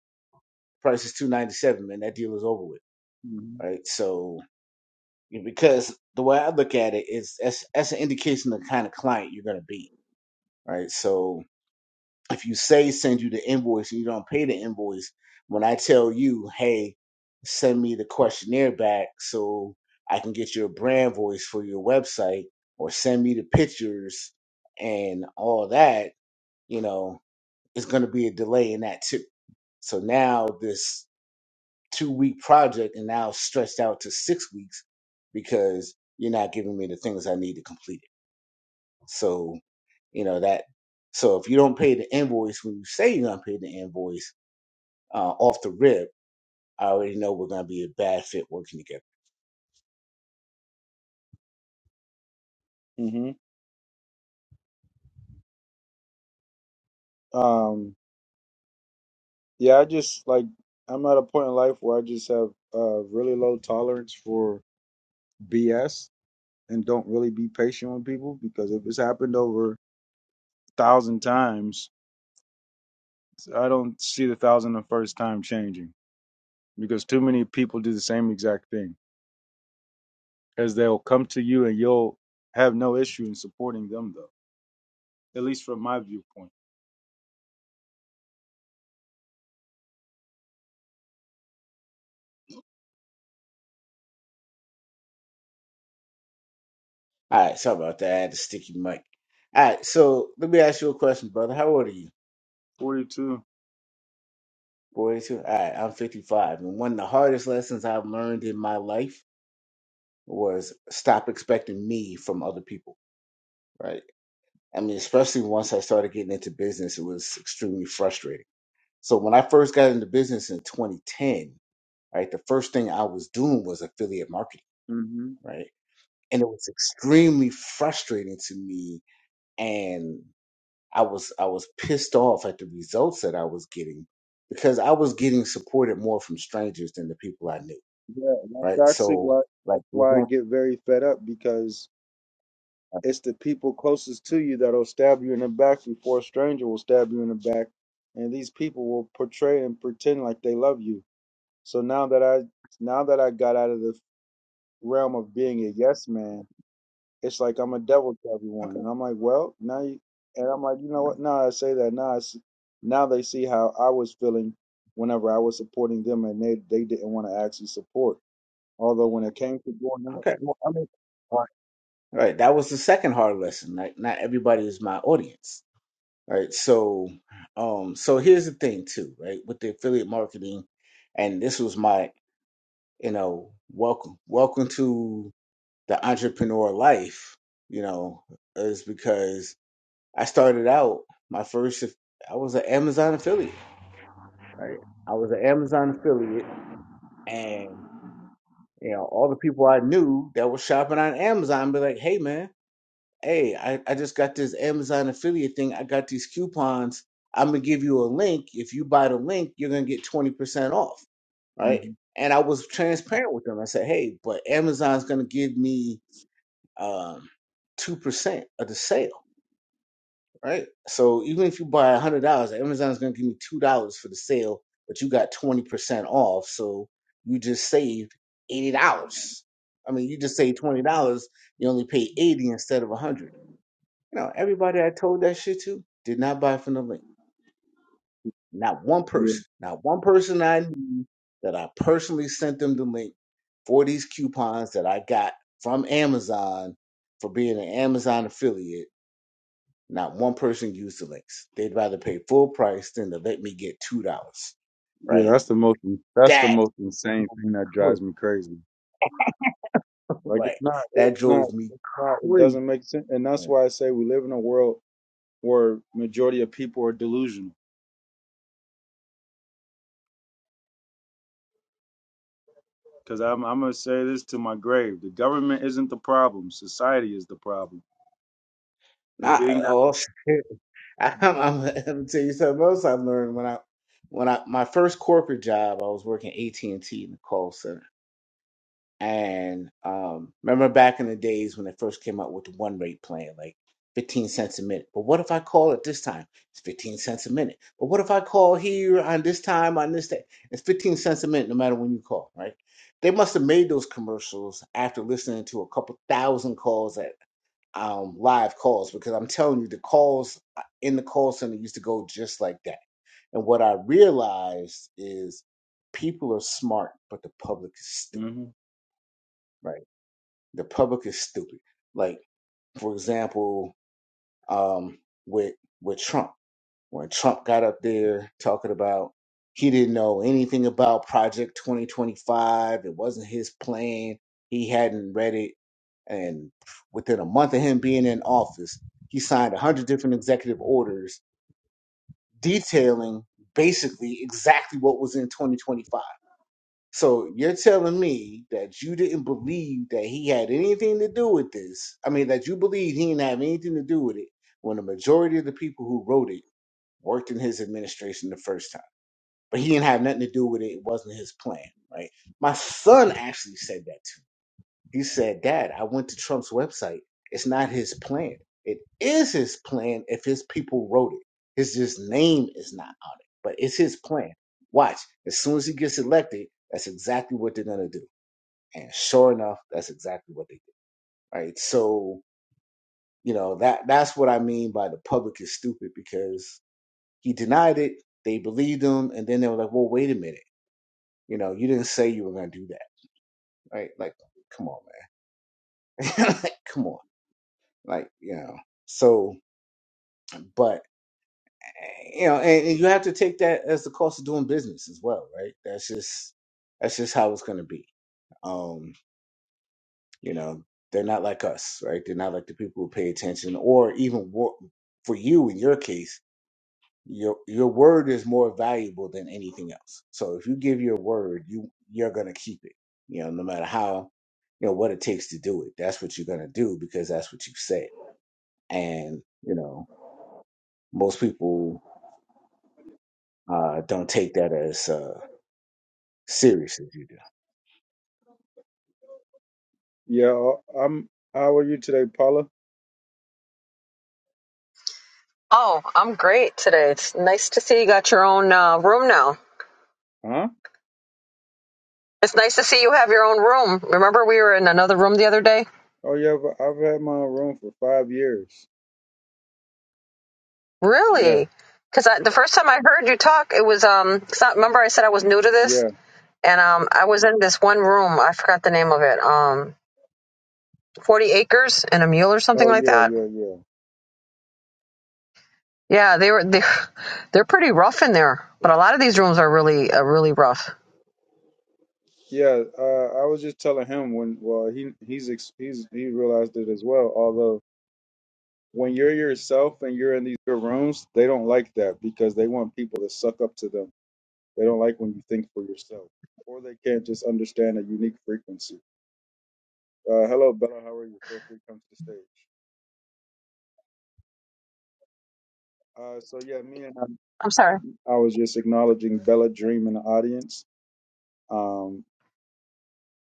S3: price is two ninety seven, man. That deal is over with.
S1: hmm
S3: Right. So you- know, because the way I look at it is that's that's an indication of the kind of client you're gonna be. Right. So if you say send you the invoice and you don't pay the invoice, when I tell you, hey, send me the questionnaire back so I can get your brand voice for your website or send me the pictures and all that, you know, it's going to be a delay in that too. So now this two week project and now stretched out to six weeks because you're not giving me the things I need to complete it. So, you know, that, so if you don't pay the invoice when you say you're going to pay the invoice uh, off the rip, I already know we're going to be a bad fit working together.
S1: hmm Um. Yeah, I just like I'm at a point in life where I just have uh really low tolerance for BS and don't really be patient with people because if it's happened over a thousand times, I don't see the thousand and first time changing because too many people do the same exact thing as they'll come to you and you'll have no issue in supporting them though, at least from my viewpoint.
S3: All right. Sorry about that. I had a sticky mic. All right. So let me ask you a question, brother. How old are you?
S1: 42.
S3: 42? All right. I'm 55. And one of the hardest lessons I've learned in my life was stop expecting me from other people, right? I mean, especially once I started getting into business, it was extremely frustrating. So when I first got into business in 2010, right, the first thing I was doing was affiliate marketing,
S1: hmm
S3: right? And it was extremely frustrating to me and I was I was pissed off at the results that I was getting because I was getting supported more from strangers than the people I knew,
S1: Yeah,
S3: right?
S1: that's actually
S3: So
S1: why
S3: like
S1: that's
S3: with
S1: why I
S3: that,
S1: get very fed up because It's the people closest to you that'll stab you in the back before a stranger will stab you in the back. And these people will portray and pretend like they love you. So now that I now that I got out of the realm of being a yes man, it's like I'm a devil to everyone.
S3: okay,
S1: And I'm like, well, now you and I'm like, you know what? Now I say that now I see, now they see how I was feeling whenever I was supporting them and they they didn't want to actually support. Although when it came to going out,
S3: okay. Well, I mean, Right. That was the second hard lesson. Like not everybody is my audience. Right. So um so here's the thing too, right? With the affiliate marketing, and this was my, you know, welcome welcome to the entrepreneur life, you know, is because I started out my first I was an Amazon affiliate, right? I was an Amazon affiliate and you know, all the people I knew that were shopping on Amazon be like, hey man, hey, I, I just got this Amazon affiliate thing. I got these coupons. I'm gonna give you a link. If you buy the link, you're gonna get 20% off, right?
S1: Mhm.
S3: And I was transparent with them. I said, hey, but Amazon's gonna give me um, 2% of the sale, right? So even if you buy $100, Amazon's gonna give me $2 for the sale, but you got 20% off. So you just saved $80. I mean, you just saved $20. You only paid 80 instead of 100 you know, everybody I told that shit to did not buy from the link. Not one person. Not one person I knew that I personally sent them the link for these coupons that I got from Amazon for being an Amazon affiliate. Not one person used the links. They'd rather pay full price than to let me get two dollars.
S1: Yeah,
S3: Right?
S1: that's the most that's the
S3: That
S1: most insane
S3: drove
S1: thing
S3: me
S1: that
S3: crazy.
S1: drives me crazy. Like it's
S3: Right.
S1: not
S3: That
S1: it's not
S3: drove me
S1: it's not it
S3: crazy.
S1: doesn't make sense, and that's
S3: man.
S1: why I say we live in a world where majority of people are delusional. Because I'm I'm gonna say this to my grave: the government isn't the problem, society is the problem. And being
S3: Not
S1: that,
S3: all. I'm, I'm, I'm gonna tell you something else I learned when I when I my first corporate job I was working AT and T in the call center and um remember back in the days when they first came out with the one rate plan like 15 cents a minute but what if I call at this time it's 15 cents a minute but what if I call here on this time on this day it's 15 cents a minute no matter when you call right they must have made those commercials after listening to a couple thousand calls um, live calls because I'm telling you, the calls uh, in the call center used to go just like that. And what I realized is people are smart, but the public is stupid,
S1: hmm
S3: right? The public is stupid. Like, for example, um, with with Trump when Trump got up there talking about he didn't know anything about Project 2025. It wasn't his plan. He hadn't read it. And within a month of him being in office, he signed 100 different executive orders detailing basically exactly what was in 2025. So you're telling me that you didn't believe that he had anything to do with this? I mean, that you believe he didn't have anything to do with it when the majority of the people who wrote it worked in his administration the first time, but he didn't have nothing to do with it. It wasn't his plan, right? My son actually said that to me. He said, Dad, I went to Trump's website. It's not his plan. It is his plan if his people wrote it. His just name is not on it, but it's his plan. Watch, as soon as he gets elected, that's exactly what they're gonna do. And sure enough, that's exactly what they did. Right. So, you know, that that's what I mean by the public is stupid because he denied it. They believed him, and then they were like, "Well, wait a minute. You know, you didn't say you were going to do that, right? Like, come on, man. like, come on. Like, you know." So, but you know, and, and you have to take that as the cost of doing business as well, right? That's just that's just how it's going to be. Um, you know, they're not like us, right? They're not like the people who pay attention, or even wor- for you in your case your your word is more valuable than anything else. So if you give your word, you you're gonna keep it. You know, no matter how you know what it takes to do it. That's what you're gonna do because that's what you said. And you know, most people uh, don't take that as uh, serious as you do.
S1: yeah, I'm. How are you today, Paula?
S4: Oh, I'm great today. It's nice to see you got your own uh, room now.
S1: Huh?
S4: It's nice to see you have your own room. Remember we were in another room the other day?
S1: Oh yeah, I've, I've had my own room for five years. Yeah,
S4: Really? Because the first time I heard you talk, it was um. It's not, remember I said I was new to this,
S1: yeah.
S4: and um, I was in this one room. I forgot the name of it. Um, forty acres and a mule or something
S1: Oh
S4: like
S1: yeah,
S4: that.
S1: yeah, yeah.
S4: Yeah, they were they, they're pretty rough in there. But a lot of these rooms are really uh, really rough.
S1: Yeah, uh, I was just telling him when well he he's ex- he's he realized it as well. Although when you're yourself and you're in these good rooms, they don't like that because they want people to suck up to them. They don't like when you think for yourself, or they can't just understand a unique frequency. Uh, hello, Bella. How are you? Feel free to come to the stage. Uh, so yeah, me and I,
S4: I'm sorry.
S1: I was just acknowledging Bella Dream in the audience um,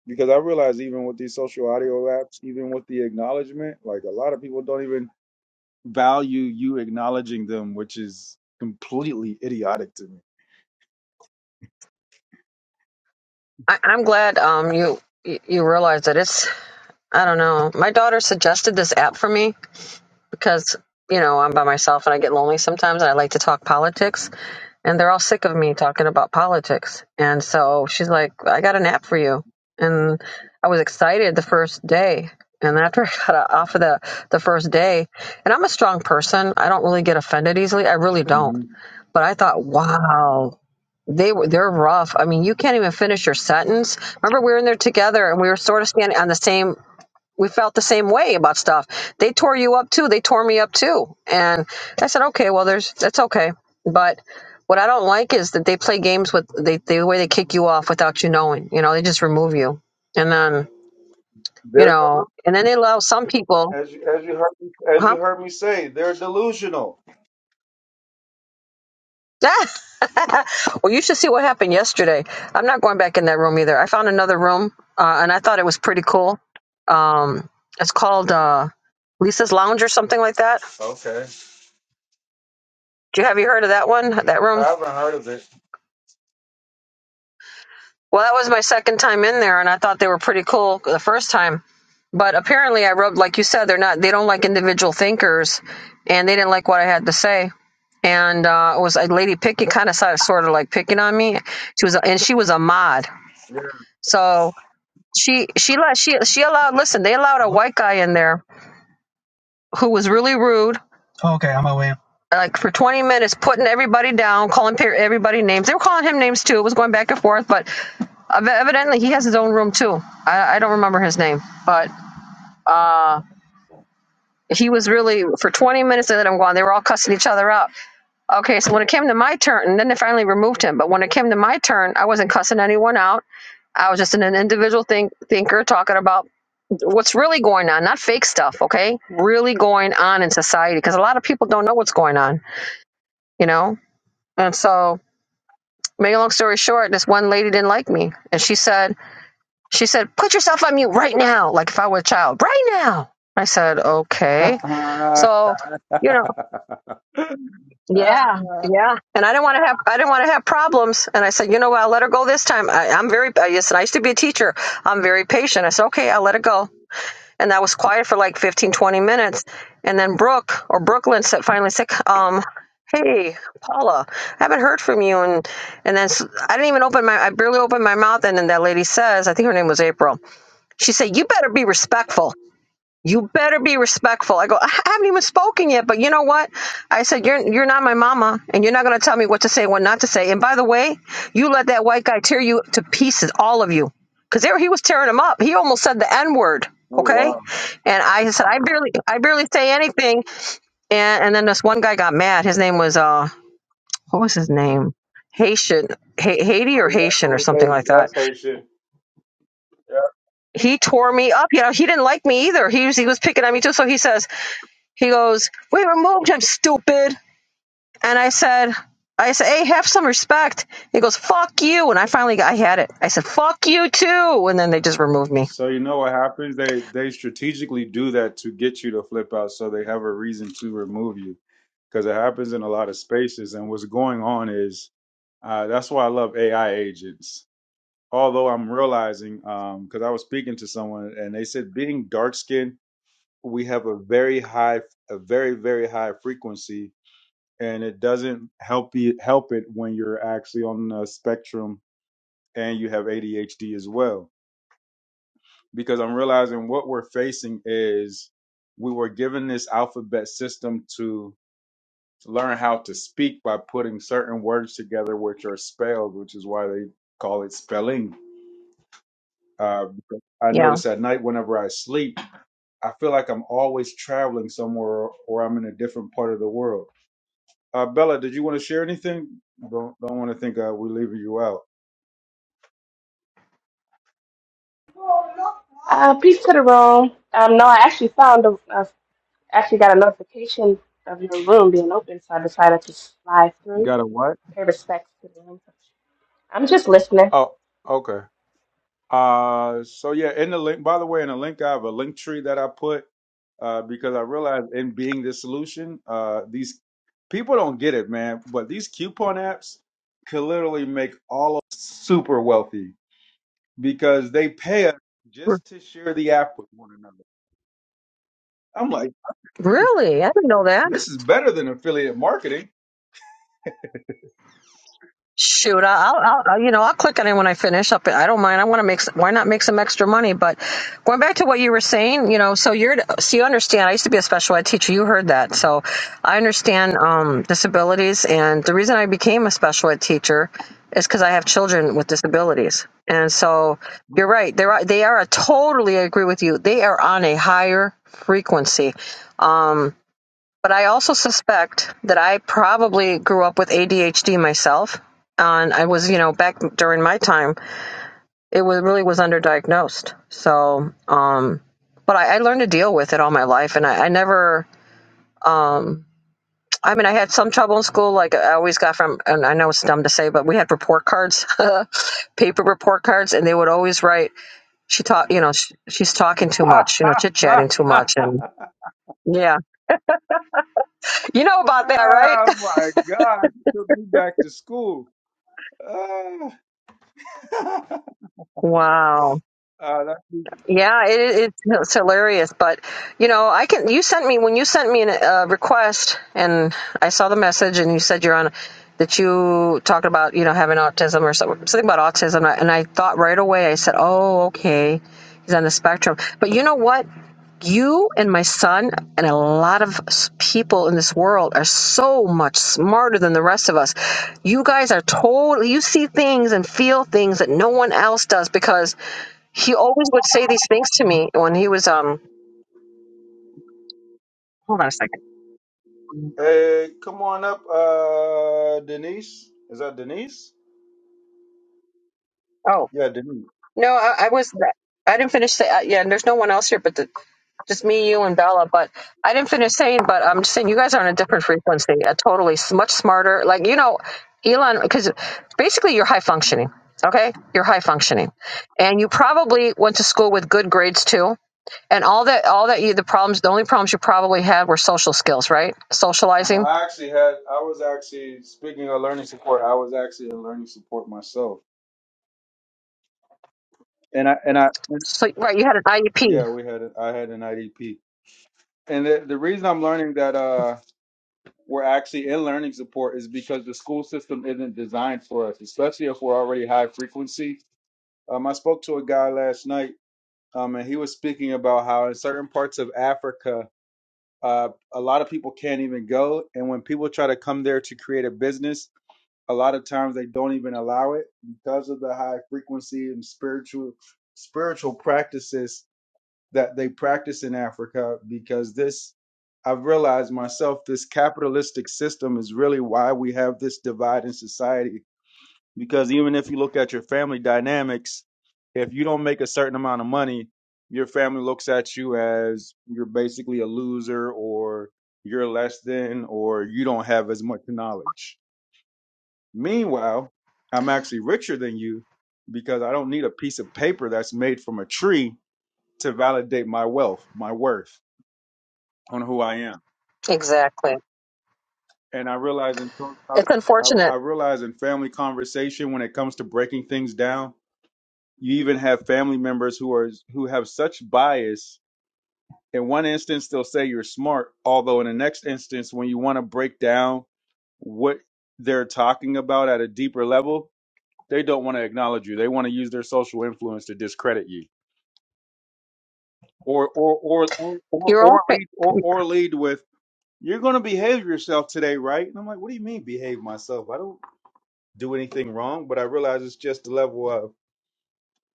S1: because I realize even with these social audio apps, even with the acknowledgement, like a lot of people don't even value you acknowledging them, which is completely idiotic to me.
S4: I, I'm glad um you you you realize that it's I don't know. My daughter suggested this app for me because, you know, I'm by myself and I get lonely sometimes and I like to talk
S1: Mhm.
S4: politics and they're all sick of me talking about politics. And so she's like, I got an app for you. And I was excited the first day. And after I got off of the, the first day, and I'm a strong person, I don't really get offended easily. I really don't.
S1: hmm
S4: But I thought, wow, they were they're rough. I mean, you can't even finish your sentence. Remember, we were in there together, and we were sort of standing on the same we felt the same way about stuff. They tore you up too. They tore me up too. And I said, okay, well, there's that's okay. But what I don't like is that they play games with they, the way they kick you off without you knowing. You know, they just remove you, and then you
S1: They're delu-
S4: know, and then they allow some people,
S1: as you as you heard me, as you
S4: huh?
S1: heard me say, they're delusional.
S4: well, you should see what happened yesterday. I'm not going back in that room either. I found another room, uh, and I thought it was pretty cool. Um, it's called uh, Lisa's Lounge or something like that.
S1: Okay.
S4: Do you have you heard of that one? That room? Well, that was my second time in there, and I thought they were pretty cool the first time. But apparently, I rubbed, like you said, they're not, they don't like individual thinkers, and they didn't like what I had to say. And uh, it was a lady picking, kind of sort of, like picking on me. She was, and she was a mod, so she she let she she allowed. Listen, they allowed a white guy in there who was really rude, Okay, I'm away. like for 20 minutes putting everybody down calling pe- everybody names they were calling him names too it was going back and forth but Ev- evidently he has his own room too i, I don't remember his name but uh, he was really for 20 minutes They let him go on; they were all cussing each other out okay so when it came to my turn and then they finally removed him but when it came to my turn i wasn't cussing anyone out i was just an individual think, thinker talking about what's really going on not fake stuff okay really going on in society because a lot of people don't know what's going on you know and so make a long story short this one lady didn't like me and she said She said, put yourself on mute right now. Like if I were a child, right now. I said, okay. So, you know, yeah, yeah. And I didn't want to have, I didn't want to have problems. And I said, you know what? I'll let her go this time. I, I'm very, uh, yes, and I used to be a teacher. I'm very patient. I said, okay, I'll let her go. And that was quiet for like 15, 20 minutes. And then Brooke or Brooklyn said, finally said, um, hey, Paula, I haven't heard from you. And, and then s- I didn't even open my, I barely opened my mouth. And then that lady says, I think her name was April she said, You better be respectful. You better be respectful. I go, I haven't even spoken yet, but you know what? I said, You're you're not my mama and you're not gonna tell me what to say and what not to say. And by the way, you let that white guy tear you to pieces, all of you. Because there he was tearing him up. He almost said the N-word. Okay. And I said, I barely I barely say anything. And and then this one guy got mad. His name was uh what was his name? Haitian, ha- Haiti
S1: Oh
S4: or
S1: yeah, I
S4: Haitian or
S1: know what
S4: something like
S1: they-
S4: that
S1: that's Haitian. Yeah.
S4: he tore me up. You know, he didn't like me either. He was he was picking at me too. So he says, he goes, We removed him, stupid. And I said, I said, hey, have some respect. He goes, fuck you. And I finally got, I had it. I said, fuck you too. And then they just removed me.
S1: So you know what happens? They they strategically do that to get you to flip out, so they have a reason to remove you. Because it happens in a lot of spaces, and what's going on is uh, that's why I love AI agents. Although I'm realizing, because I was speaking to someone, and they said being dark skinned we have a very high a very very high frequency and it doesn't help you help it when you're actually on the spectrum and you have ADHD as well because I'm realizing what we're facing is we were given this alphabet system to learn how to speak by putting certain words together which are spelled which is why they call it spelling uh, I
S4: Yeah.
S1: notice at night whenever I sleep I feel like I'm always traveling somewhere or I'm in a different part of the world Uh, Bella, did you want to share anything? Don't don't want to think uh, we're leaving you out.
S5: Uh, peace to the room. Um, no, I actually found a, I actually got a notification of your room being open, so I decided to slide through
S1: Got a
S5: to
S1: what?
S5: pay respects to the room. I'm just listening.
S1: Oh, okay. Uh, so yeah, in the link. By the way, in the link, I have a link tree that I put uh, because I realized in being the solution, uh, these people don't get it, man. But these coupon apps could literally make all of us super wealthy because they pay us just to share the app with one another. I'm like,
S4: Really? I didn't know that.
S1: this is better than affiliate marketing
S4: Shoot, I- will I'll, I'll- you know, I'll click on it when I finish up. I don't mind. I want to make, some, why not make some extra money? But going back to what you were saying, you know, so you're, so you understand, I used to be a special ed teacher. You heard that. So I understand, um, disabilities. And the reason I became a special ed teacher is because I have children with disabilities. And so you're right. They're, they are, I totally I agree with you. They are on a higher frequency. Um. But I also suspect that I probably grew up with ADHD myself. And I was, you know, back during my time, it was really was underdiagnosed. So, um, but I, I learned to deal with it all my life, and I, I never, um, I mean, I had some trouble in school. Like I always got from, and I know it's dumb to say, but we had report cards, paper report cards, and they would always write, "She taught, you know, she, she's talking too
S1: oh
S4: much, you know, chit chatting too much," and yeah, you know about that, right?
S1: my God, you took me back to school. Ah.
S4: Wow.
S1: Uh, that's me.
S4: Yeah, it, it's hilarious, but you know, I can. You sent me when you sent me a uh, request, and I saw the message, and you said you're on that you talked about you know having autism or something, something about autism, and I and I thought right away. I said, oh, okay, he's on the spectrum. But you know what? you and my son and a lot of s- people in this world are so much smarter than the rest of us. You guys are totally, you see things and feel things that no one else does because he always would say these things to me when he was, um, hold on a second.
S1: hey, come on up, uh, Denise. Is that Denise?
S4: Oh,
S1: Yeah, Denise.
S4: no, I, I was, I didn't finish. Say, uh, yeah, and there's no one else here but the just me, you, and Bella. But I didn't finish saying, but I'm just saying you guys are on a different frequency, a totally s- much smarter. Like you know, Elon, because basically you're high functioning. Okay, you're high functioning, and you probably went to school with good grades too. And all that, all that you, the problems, the only problems you probably had were social skills, right?
S1: No,
S4: Socializing.
S1: I actually had. I was actually speaking of learning support. I was actually in learning support myself, and I and I
S4: So right, you had an IEP.
S1: yeah, we had. a- I had an IDP, and the the reason I'm learning that uh we're actually in learning support is because the school system isn't designed for us, especially if we're already high frequency. Um, I spoke to a guy last night, um, and he was speaking about how in certain parts of Africa. Uh, a lot of people can't even go, and when people try to come there to create a business, a lot of times they don't even allow it because of the high frequency and spiritual spiritual practices that they practice in Africa because this I've realized myself this capitalistic system is really why we have this divide in society because even if you look at your family dynamics if you don't make a certain amount of money your family looks at you as you're basically a loser or you're less than or you don't have as much knowledge Meanwhile, I'm actually richer than you because I don't need a piece of paper that's made from a tree to validate my wealth, my worth on who I am.
S4: Exactly.
S1: And I realize in I,
S4: It's
S1: I I
S4: unfortunate.
S1: realize in family conversation when it comes to breaking things down, you even have family members who are who have such bias. In one instance, they'll say you're smart, although in the next instance, when you want to break down what they're talking about at a deeper level, they don't want to acknowledge you. They want to use their social influence to discredit you, or or or or or,
S4: Your own.
S1: or
S4: fa-
S1: lead or, or lead with you're going to behave yourself today, right? And I'm like, what do you mean behave myself? I don't do anything wrong, but I realize it's just the level of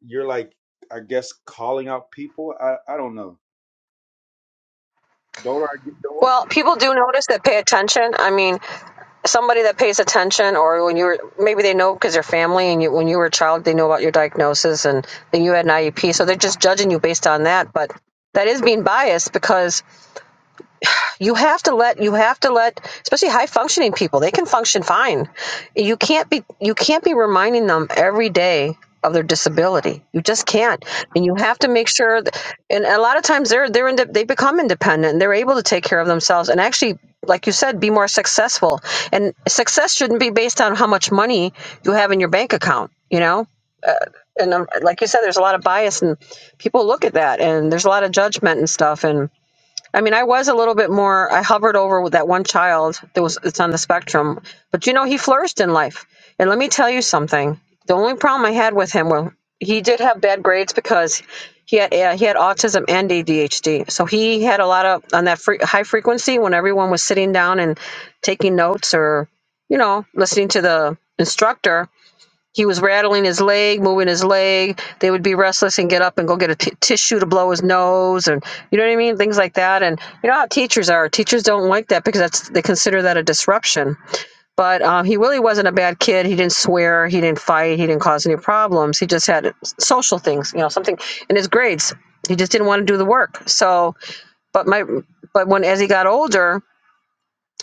S1: you're like, I guess calling out people. I I don't know. Don't I get don't?
S4: Well, people do notice that pay attention. I mean, somebody that pays attention, or when you were maybe they know because they're family, and you when you were a child, they know about your diagnosis, and then you had an IEP, so they're just judging you based on that. But that is being biased because you have to let you have to let especially high functioning people they can function fine you can't be you can't be reminding them every day of their disability you just can't and you have to make sure that, and a lot of times they're they're inde- they become independent and they're able to take care of themselves and actually like you said be more successful and success shouldn't be based on how much money you have in your bank account you know and um, like you said there's a lot of bias and people look at that and there's a lot of judgment and stuff and I mean, I was a little bit more. I hovered over with that one child that was it's on the spectrum, but you know, he flourished in life. And let me tell you something. The only problem I had with him well, he did have bad grades because he had uh, he had autism and ADHD. So he had a lot of on that fre- high frequency when everyone was sitting down and taking notes or you know listening to the instructor. He was rattling his leg, moving his leg. They would be restless and get up and go get a t- tissue to blow his nose, and you know what I mean, things like that. And you know how teachers are. Teachers don't like that because that's they consider that a disruption. But um, he really wasn't a bad kid. He didn't swear. He didn't fight. He didn't cause any problems. He just had social things, you know, something in his grades. He just didn't want to do the work. So, but my, but when as he got older,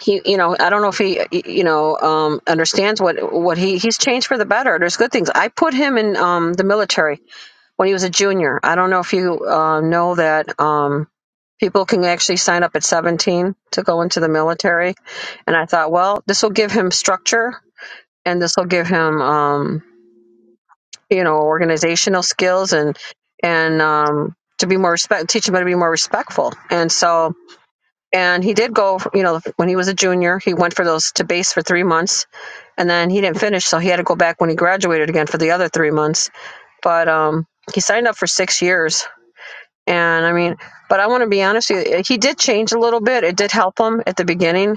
S4: he you know i don't know if he you know um understands what what he he's changed for the better there's good things i put him in um the military when he was a junior i don't know if you uh, know that um people can actually sign up at 17 to go into the military and i thought well this will give him structure and this will give him um you know organizational skills and and um to be more respect teach him how to be more respectful and so and he did go, you know, when he was a junior, he went for those to base for three months, and then he didn't finish, so he had to go back when he graduated again for the other three months. But um, he signed up for six years, and I mean, but I want to be honest with you, he did change a little bit. It did help him at the beginning,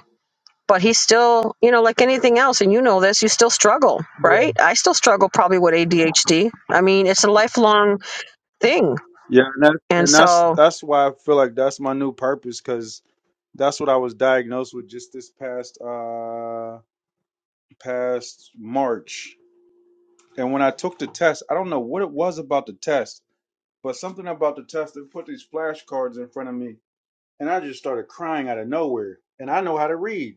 S4: but he still, you know, like anything else, and you know this, you still struggle, right? I still struggle probably with ADHD. I mean, it's a lifelong thing,
S1: Yeah, and that's
S4: and
S1: and that's
S4: so
S1: that's why I feel like that's my new purpose because that's what I was diagnosed with just this past uh past March And when I took the test, I don't know what it was about the test, but something about the test, they put these flashcards in front of me, and I just started crying out of nowhere. And I know how to read.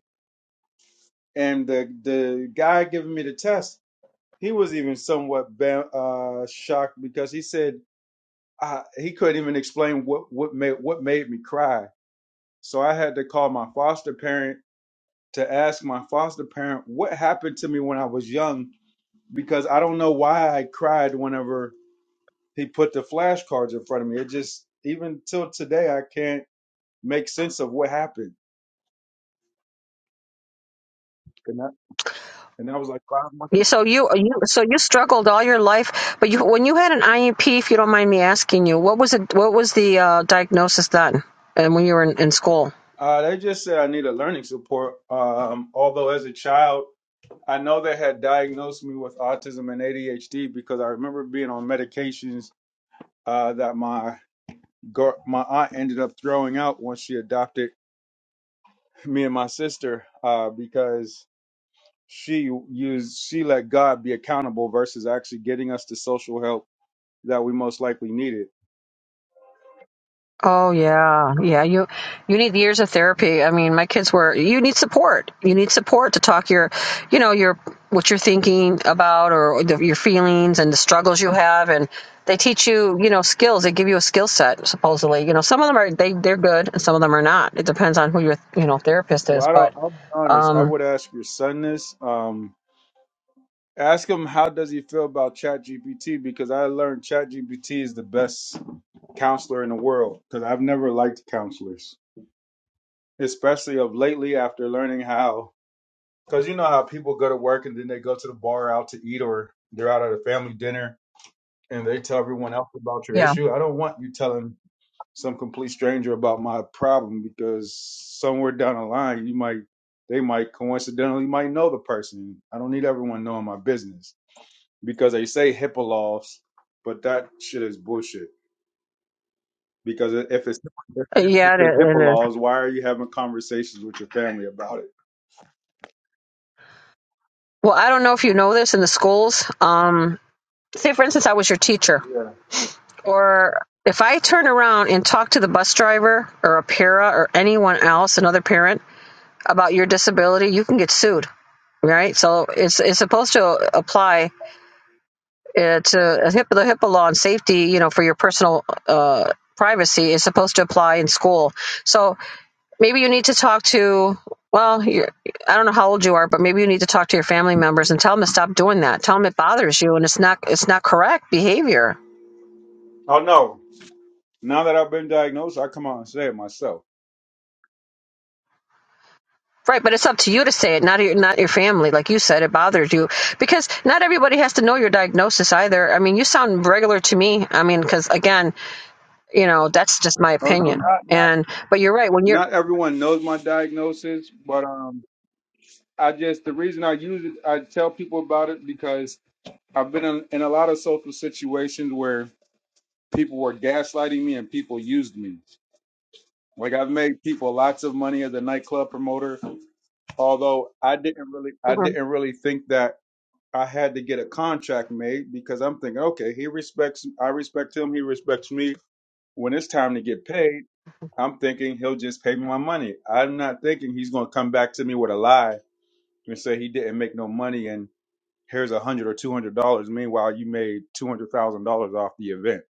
S1: And the the guy giving me the test, he was even somewhat ba- uh, shocked because he said uh, he couldn't even explain what what made what made me cry. So I had to call my foster parent to ask my foster parent what happened to me when I was young because I don't know why I cried whenever he put the flashcards in front of me. It just even till today I can't make sense of what happened. And that and that was like five months
S4: Yeah,
S1: ago.
S4: So you, you, so you struggled all your life, but you, when you had an IEP, if you don't mind me asking you, what was it? What was the uh, diagnosis then? And when you were in, in school?
S1: Uh, they just said I needed learning support. Um, although as a child, I know they had diagnosed me with autism and ADHD because I remember being on medications uh, that my gar- my aunt ended up throwing out once she adopted me and my sister uh, because she used she let God be accountable versus actually getting us the social help that we most likely needed.
S4: Oh yeah, yeah. You, you need years of therapy. I mean, my kids were. You need support. You need support to talk your, you know, your what you're thinking about or the, your feelings and the struggles you have, and they teach you, you know, skills. They give you a skill set supposedly. You know, some of them are they they're good, and some of them are not. It depends on who your you know therapist
S1: Well,
S4: is,
S1: I don't,
S4: but.
S1: I'll be honest. I
S4: um,
S1: would ask your son this. Um, ask him how does he feel about ChatGPT because I learned ChatGPT is the best counselor in the world because I've never liked counselors, especially of lately after learning how. Because you know how people go to work and then they go to the bar out to eat or they're out at a family dinner and they tell everyone else about your
S4: Yeah.
S1: issue. I don't want you telling some complete stranger about my problem because somewhere down the line you might they might coincidentally might know the person. I don't need everyone knowing my business because they say HIPAA laws, but that shit is bullshit. Because if it's if
S4: Yeah, it,
S1: it's HIPAA
S4: it is.
S1: laws, why are you having conversations with your family about it?
S4: Well, I don't know if you know this in the schools. Um, say, for instance, I was your teacher, or if I turn around and talk to the bus driver or a para or anyone else, another parent, about your disability, you can get sued, right? So it's it's supposed to apply uh, to a HIPAA, the HIPAA law and safety, you know, for your personal uh, privacy is supposed to apply in school. So maybe you need to talk to well you're, i don't know how old you are but maybe you need to talk to your family members and tell them to stop doing that tell them it bothers you and it's not it's not correct behavior
S1: Oh no! Now that I've been diagnosed, I come out and say it myself.
S4: right but it's up to you to say it not your not your family like you said it bothers you because not everybody has to know your diagnosis either i mean you sound regular to me i mean because again you know that's just my
S1: Oh no!
S4: opinion
S1: Not not
S4: and but you're right when you're
S1: not everyone knows my diagnosis, but um, I just the reason I use it, I tell people about it because I've been in, in a lot of social situations where people were gaslighting me and people used me. Like I've made people lots of money as a nightclub promoter, although I didn't really I
S4: Mhm.
S1: didn't really think that I had to get a contract made because I'm thinking, okay, he respects I respect him, he respects me. When it's time to get paid, I'm thinking he'll just pay me my money. I'm not thinking he's gonna come back to me with a lie and say he didn't make no money and. Here's a hundred or two hundred dollars. Meanwhile, you made two hundred thousand dollars off the event.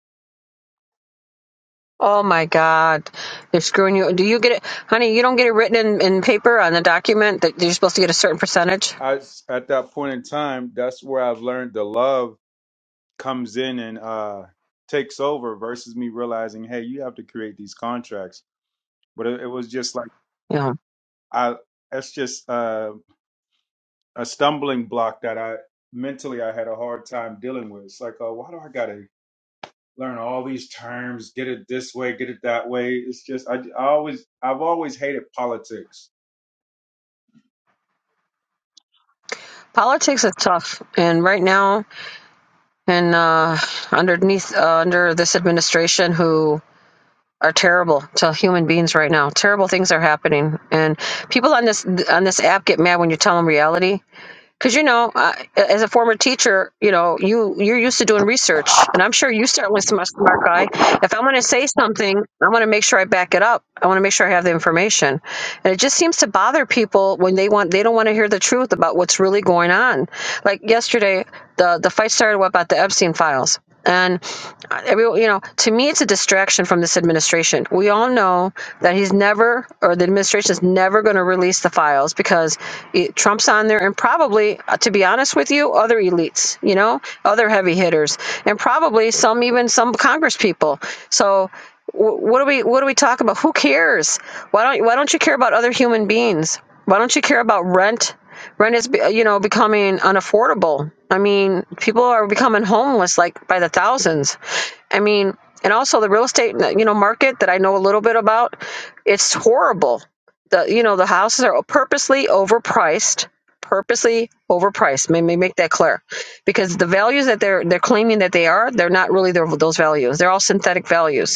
S4: oh my god they're screwing you do you get it honey you don't get it written in, in paper on the document that you're supposed to get a certain percentage
S1: I s- at that point in time, that's where I've learned the love comes in and uh, takes over versus me realizing, hey, you have to create these contracts. But it, it was just like
S4: You
S1: I, that's just uh, a stumbling block that I mentally I had a hard time dealing with. It's like, oh, why do I gotta? learn all these terms, get it this way, get it that way. It's just I, I always I've always hated politics.
S4: Politics is tough, and right now, and uh, underneath uh, under this administration, who are terrible to human beings right now. Terrible things are happening, and people on this on this app get mad when you tell them reality because you know uh, as a former teacher you know you you're used to doing research and i'm sure you certainly, with some smart guy if i'm going to say something i want to make sure i back it up i want to make sure i have the information and it just seems to bother people when they want they don't want to hear the truth about what's really going on like yesterday the the fight started about the epstein files and uh, every, you know, to me, it's a distraction from this administration. We all know that he's never, or the administration is never going to release the files because it, Trump's on there, and probably, uh, to be honest with you, other elites, you know, other heavy hitters, and probably some even some Congress people. So. wh- What do we what do we talk about? Who cares? Why don't why don't you care about other human beings? Why don't you care about rent? Rent is, you know, becoming unaffordable. I mean, people are becoming homeless like by the thousands. I mean, and also the real estate, you know, market that I know a little bit about, it's horrible. The you know the houses are purposely overpriced, purposely overpriced. May may make that clear, because the values that they're they're claiming that they are, they're not really their, those values. They're all synthetic values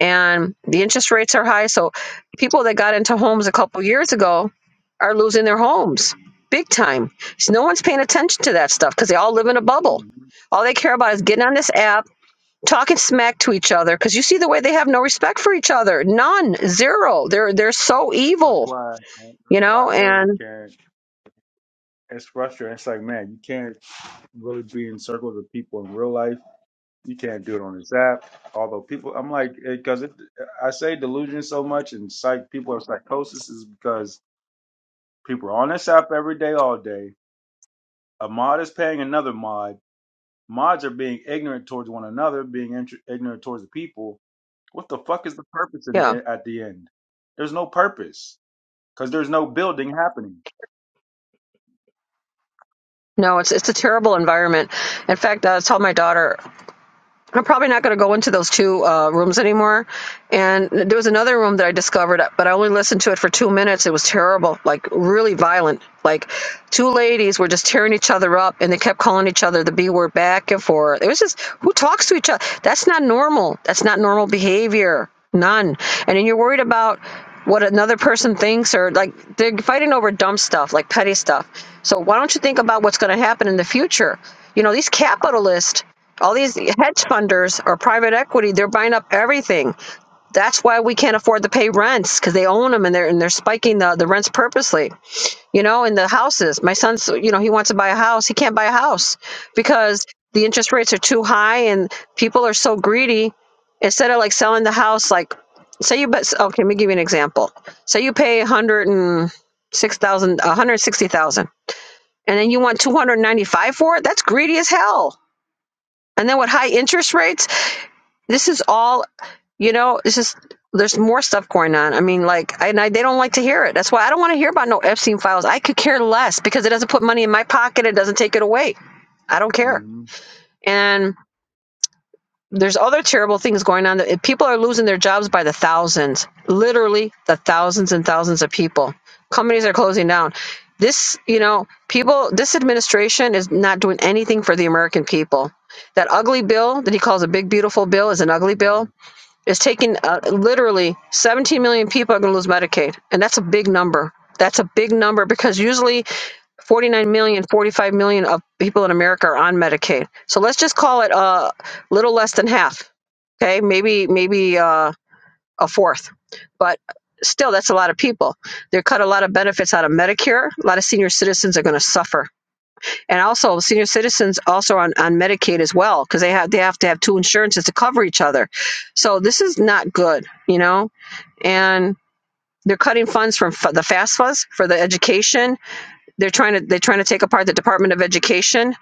S4: and the interest rates are high. So people that got into homes a couple years ago are losing their homes big time. So no one's paying attention to that stuff because they all live in a bubble.
S1: hmm
S4: All they care about is getting on this app, talking smack to each other. Because you see the way they have no respect for each other. None, zero. They're they're so
S1: That's
S4: evil,
S1: why that's
S4: you
S1: why
S4: know.
S1: I literally
S4: And
S1: can't. It's frustrating. It's like man, you can't really be in circles with people in real life. You can't do it on this app. Although people, I'm like because it, 'cause it- I say delusion so much and psych people are psychosis is because People are on this app every day, all day. A mod is paying another mod. Mods are being ignorant towards one another, being int- ignorant towards the people. What the fuck is the purpose in
S4: yeah,
S1: the, at the end? There's no purpose because there's no building happening.
S4: no, it's it's a terrible environment. In fact, that's how my daughter. I'm probably not going to go into those two uh, rooms anymore. And there was another room that I discovered, but I only listened to it for two minutes. It was terrible, like really violent. Like two ladies were just tearing each other up, and they kept calling each other the B word back and forth. It was just who talks to each other? That's not normal. That's not normal behavior. None. And then you're worried about what another person thinks or like they're fighting over dumb stuff like petty stuff so why don't you think about what's going to happen in the future you know these capitalists all these hedge funders or private equity, they're buying up everything. That's why we can't afford to pay rents because they own them and they're and they're spiking the, the rents purposely. You know, in the houses. My son's, you know, he wants to buy a house. He can't buy a house because the interest rates are too high and people are so greedy. Instead of like selling the house, like say you but Okay, let me give you an example. Say you pay one hundred and six thousand, one hundred sixty thousand, and then you want two hundred ninety five for it. That's greedy as hell. And then with high interest rates this is all, you know, it's just, there's more stuff going on. I mean, like, I, and I, they don't like to hear it. That's why I don't want to hear about no Epstein files. I could care less because it doesn't put money in my pocket. It doesn't take it away. I don't care.
S1: Mhm.
S4: And there's other terrible things going on. That people are losing their jobs by the thousands, literally the thousands and thousands of people. Companies are closing down. This, you know, people, this administration is not doing anything for the American people. That ugly bill that he calls a big, beautiful bill is an ugly
S1: Mhm.
S4: bill it's taking uh, literally 17 million people are going to lose Medicaid, and that's a big number. That's a big number because usually 49 million, 45 million of people in America are on Medicaid. So let's just call it a little less than half. Okay, maybe maybe uh, a fourth, but still that's a lot of people. They cut a lot of benefits out of Medicare. A lot of senior citizens are going to suffer. And also, senior citizens also on, on Medicaid as well because they have they have to have two insurances to cover each other. So this is not good, you know. And they're cutting funds from fa- the FAFSAs for the education they're trying to they're trying to take apart the Department of Education.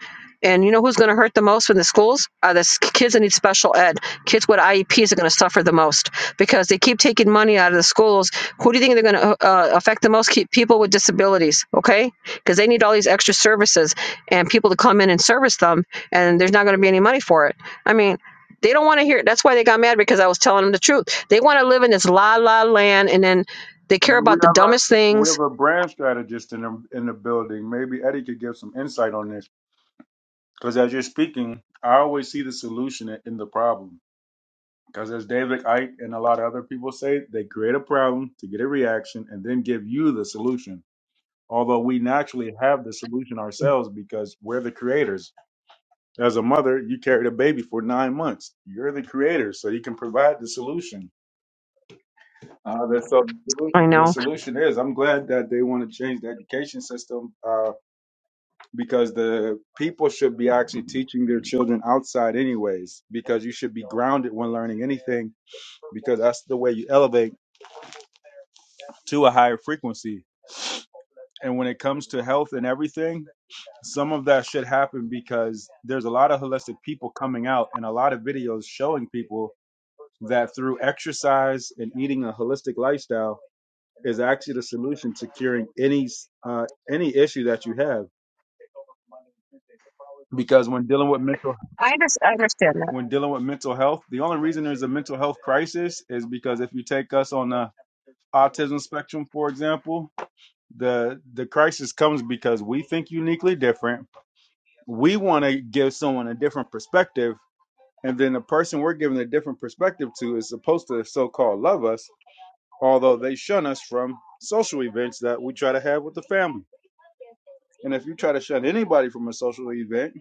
S4: And you know who's going to hurt the most in the schools? Are the s- kids that need special ed. Kids with IEPs are going to suffer the most because they keep taking money out of the schools. Who do you think they're going to uh, affect the most? Keep people with disabilities, okay? Because they need all these extra services and people to come in and service them, and there's not going to be any money for it. I mean, they don't want to hear it. That's why they got mad because I was telling them the truth. They want to live in this la la land, and then they care
S1: Maybe we
S4: about the
S1: have
S4: dumbest
S1: a we have
S4: things.
S1: a brand strategist in the in the building. Maybe Eddie could give some insight on this. Because as you're speaking, I always see the solution in in the problem. Because as David Icke and a lot of other people say, they create a problem to get a reaction and then give you the solution. Although we naturally have the solution ourselves because we're the creators. As a mother, you carried a baby for nine months. You're the creator, so you can provide the solution. Uh, the, so
S4: I
S1: the
S4: know
S1: solution is, I'm glad that they want to change the education system Uh. because the people should be actually teaching their children outside anyways because you should be grounded when learning anything because that's the way you elevate to a higher frequency and when it comes to health and everything some of that should happen because there's a lot of holistic people coming out and a lot of videos showing people that through exercise and eating a holistic lifestyle is actually the solution to curing any uh, any issue that you have because when dealing with mental
S4: I, under- I understand that.
S1: when dealing with mental health. The only reason there's a mental health crisis is because if you take us on the autism spectrum, for example, the the crisis comes because we think uniquely different. We want to give someone a different perspective, and then the person we're giving a different perspective to is supposed to so-called love us, although they shun us from social events that we try to have with the family. And if you try to shun anybody from a social event,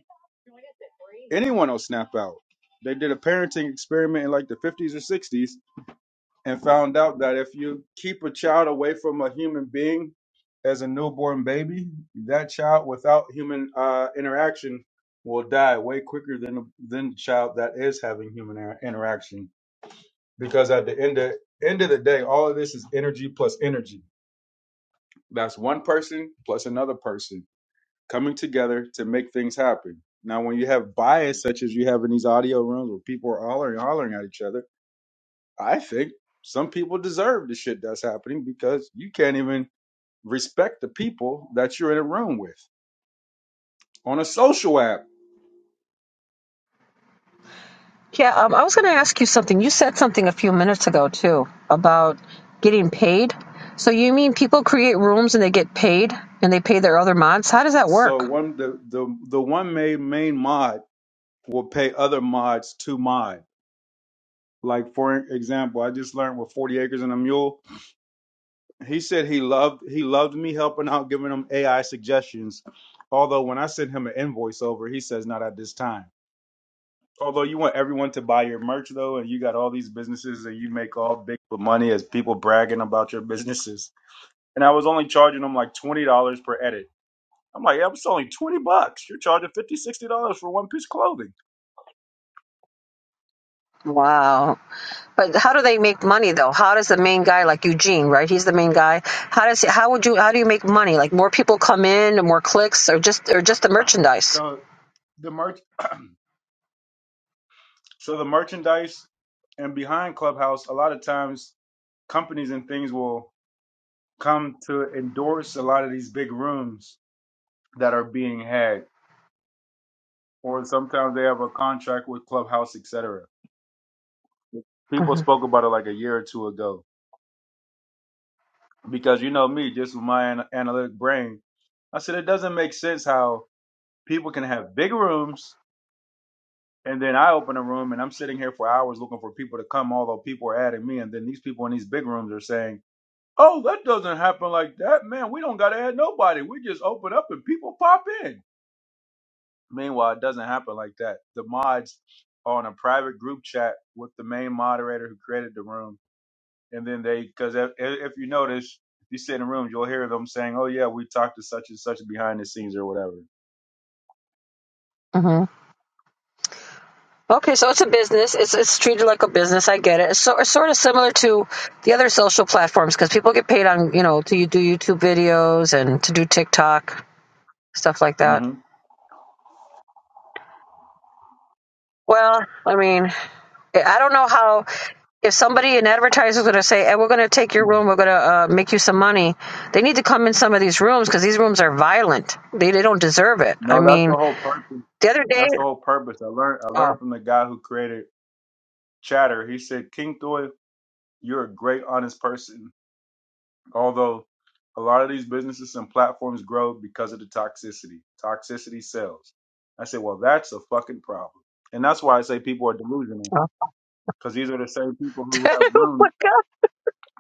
S1: anyone will snap out. They did a parenting experiment in like the 50s or 60s and found out that if you keep a child away from a human being as a newborn baby, that child without human uh, interaction will die way quicker than than the child that is having human inter- interaction. Because at the end of end of the day, all of this is energy plus energy. That's one person plus another person coming together to make things happen. Now, when you have bias such as you have in these audio rooms where people are hollering, hollering at each other I think some people deserve the shit that's happening because you can't even respect the people that you're in a room with on a social app.
S4: Yeah, um, I was going to ask you something. You said something a few minutes ago too about getting paid. So you mean people create rooms and they get paid and they pay their other mods? How does that
S1: So
S4: work?
S1: one the the the one main main mod will pay other mods to mod. Like for example, I just learned with Forty Acres and a Mule, he said he loved he loved me helping out, giving him AI suggestions. Although when I sent him an invoice over, he says not at this time. Although you want everyone to buy your merch though, and you got all these businesses and you make all big money as people bragging about your businesses. And I was only charging them like twenty dollars per edit. I'm like, yeah, I'm selling twenty bucks. You're charging fifty, sixty dollars for one piece of clothing.
S4: Wow. But how do they make money though? How does the main guy like Eugene, right? He's the main guy. How does how would you how do you make money? Like more people come in, and more clicks, or just or just the merchandise?
S1: So the merch, so the merchandise, and behind Clubhouse, a lot of times companies and things will come to endorse a lot of these big rooms that are being had, or sometimes they have a contract with Clubhouse, etc. People
S4: hmm
S1: spoke about it like a year or two ago because you know me, just with my an- analytic brain, I said it doesn't make sense how people can have big rooms and then I open a room and I'm sitting here for hours looking for people to come, although people are adding me, and then these people in these big rooms are saying, "Oh, that doesn't happen like that, man. We don't gotta add nobody. We just open up and people pop in." Meanwhile, it doesn't happen like that. The mods are on a private group chat with the main moderator who created the room and then they because if, if you notice if you sit in rooms you'll hear them saying oh yeah we talked to such and such behind the scenes or whatever
S4: Okay, so it's a business. It's it's treated like a business. I get it. It's, so, it's sort of similar to the other social platforms because people get paid on you know to you do YouTube videos and to do TikTok stuff like that.
S1: hmm
S4: Well, I mean, I don't know how if somebody an advertiser is going to say, "Hey, we're going to take your room. We're going to uh, make you some money." They need to come in some of these rooms because these rooms are violent. They they don't deserve it. I
S1: no that's the
S4: mean,
S1: whole purpose
S4: the other day,
S1: that's the whole purpose i learned i
S4: oh,
S1: learned from the guy who created chatter he said king Thoy, you're a great honest person Although a lot of these businesses and platforms grow because of the toxicity. Toxicity sells. I say, well, that's a fucking problem. And that's why I say people are delusional
S4: oh.
S1: because these are the same people who have
S4: oh
S1: rooms,
S4: my god,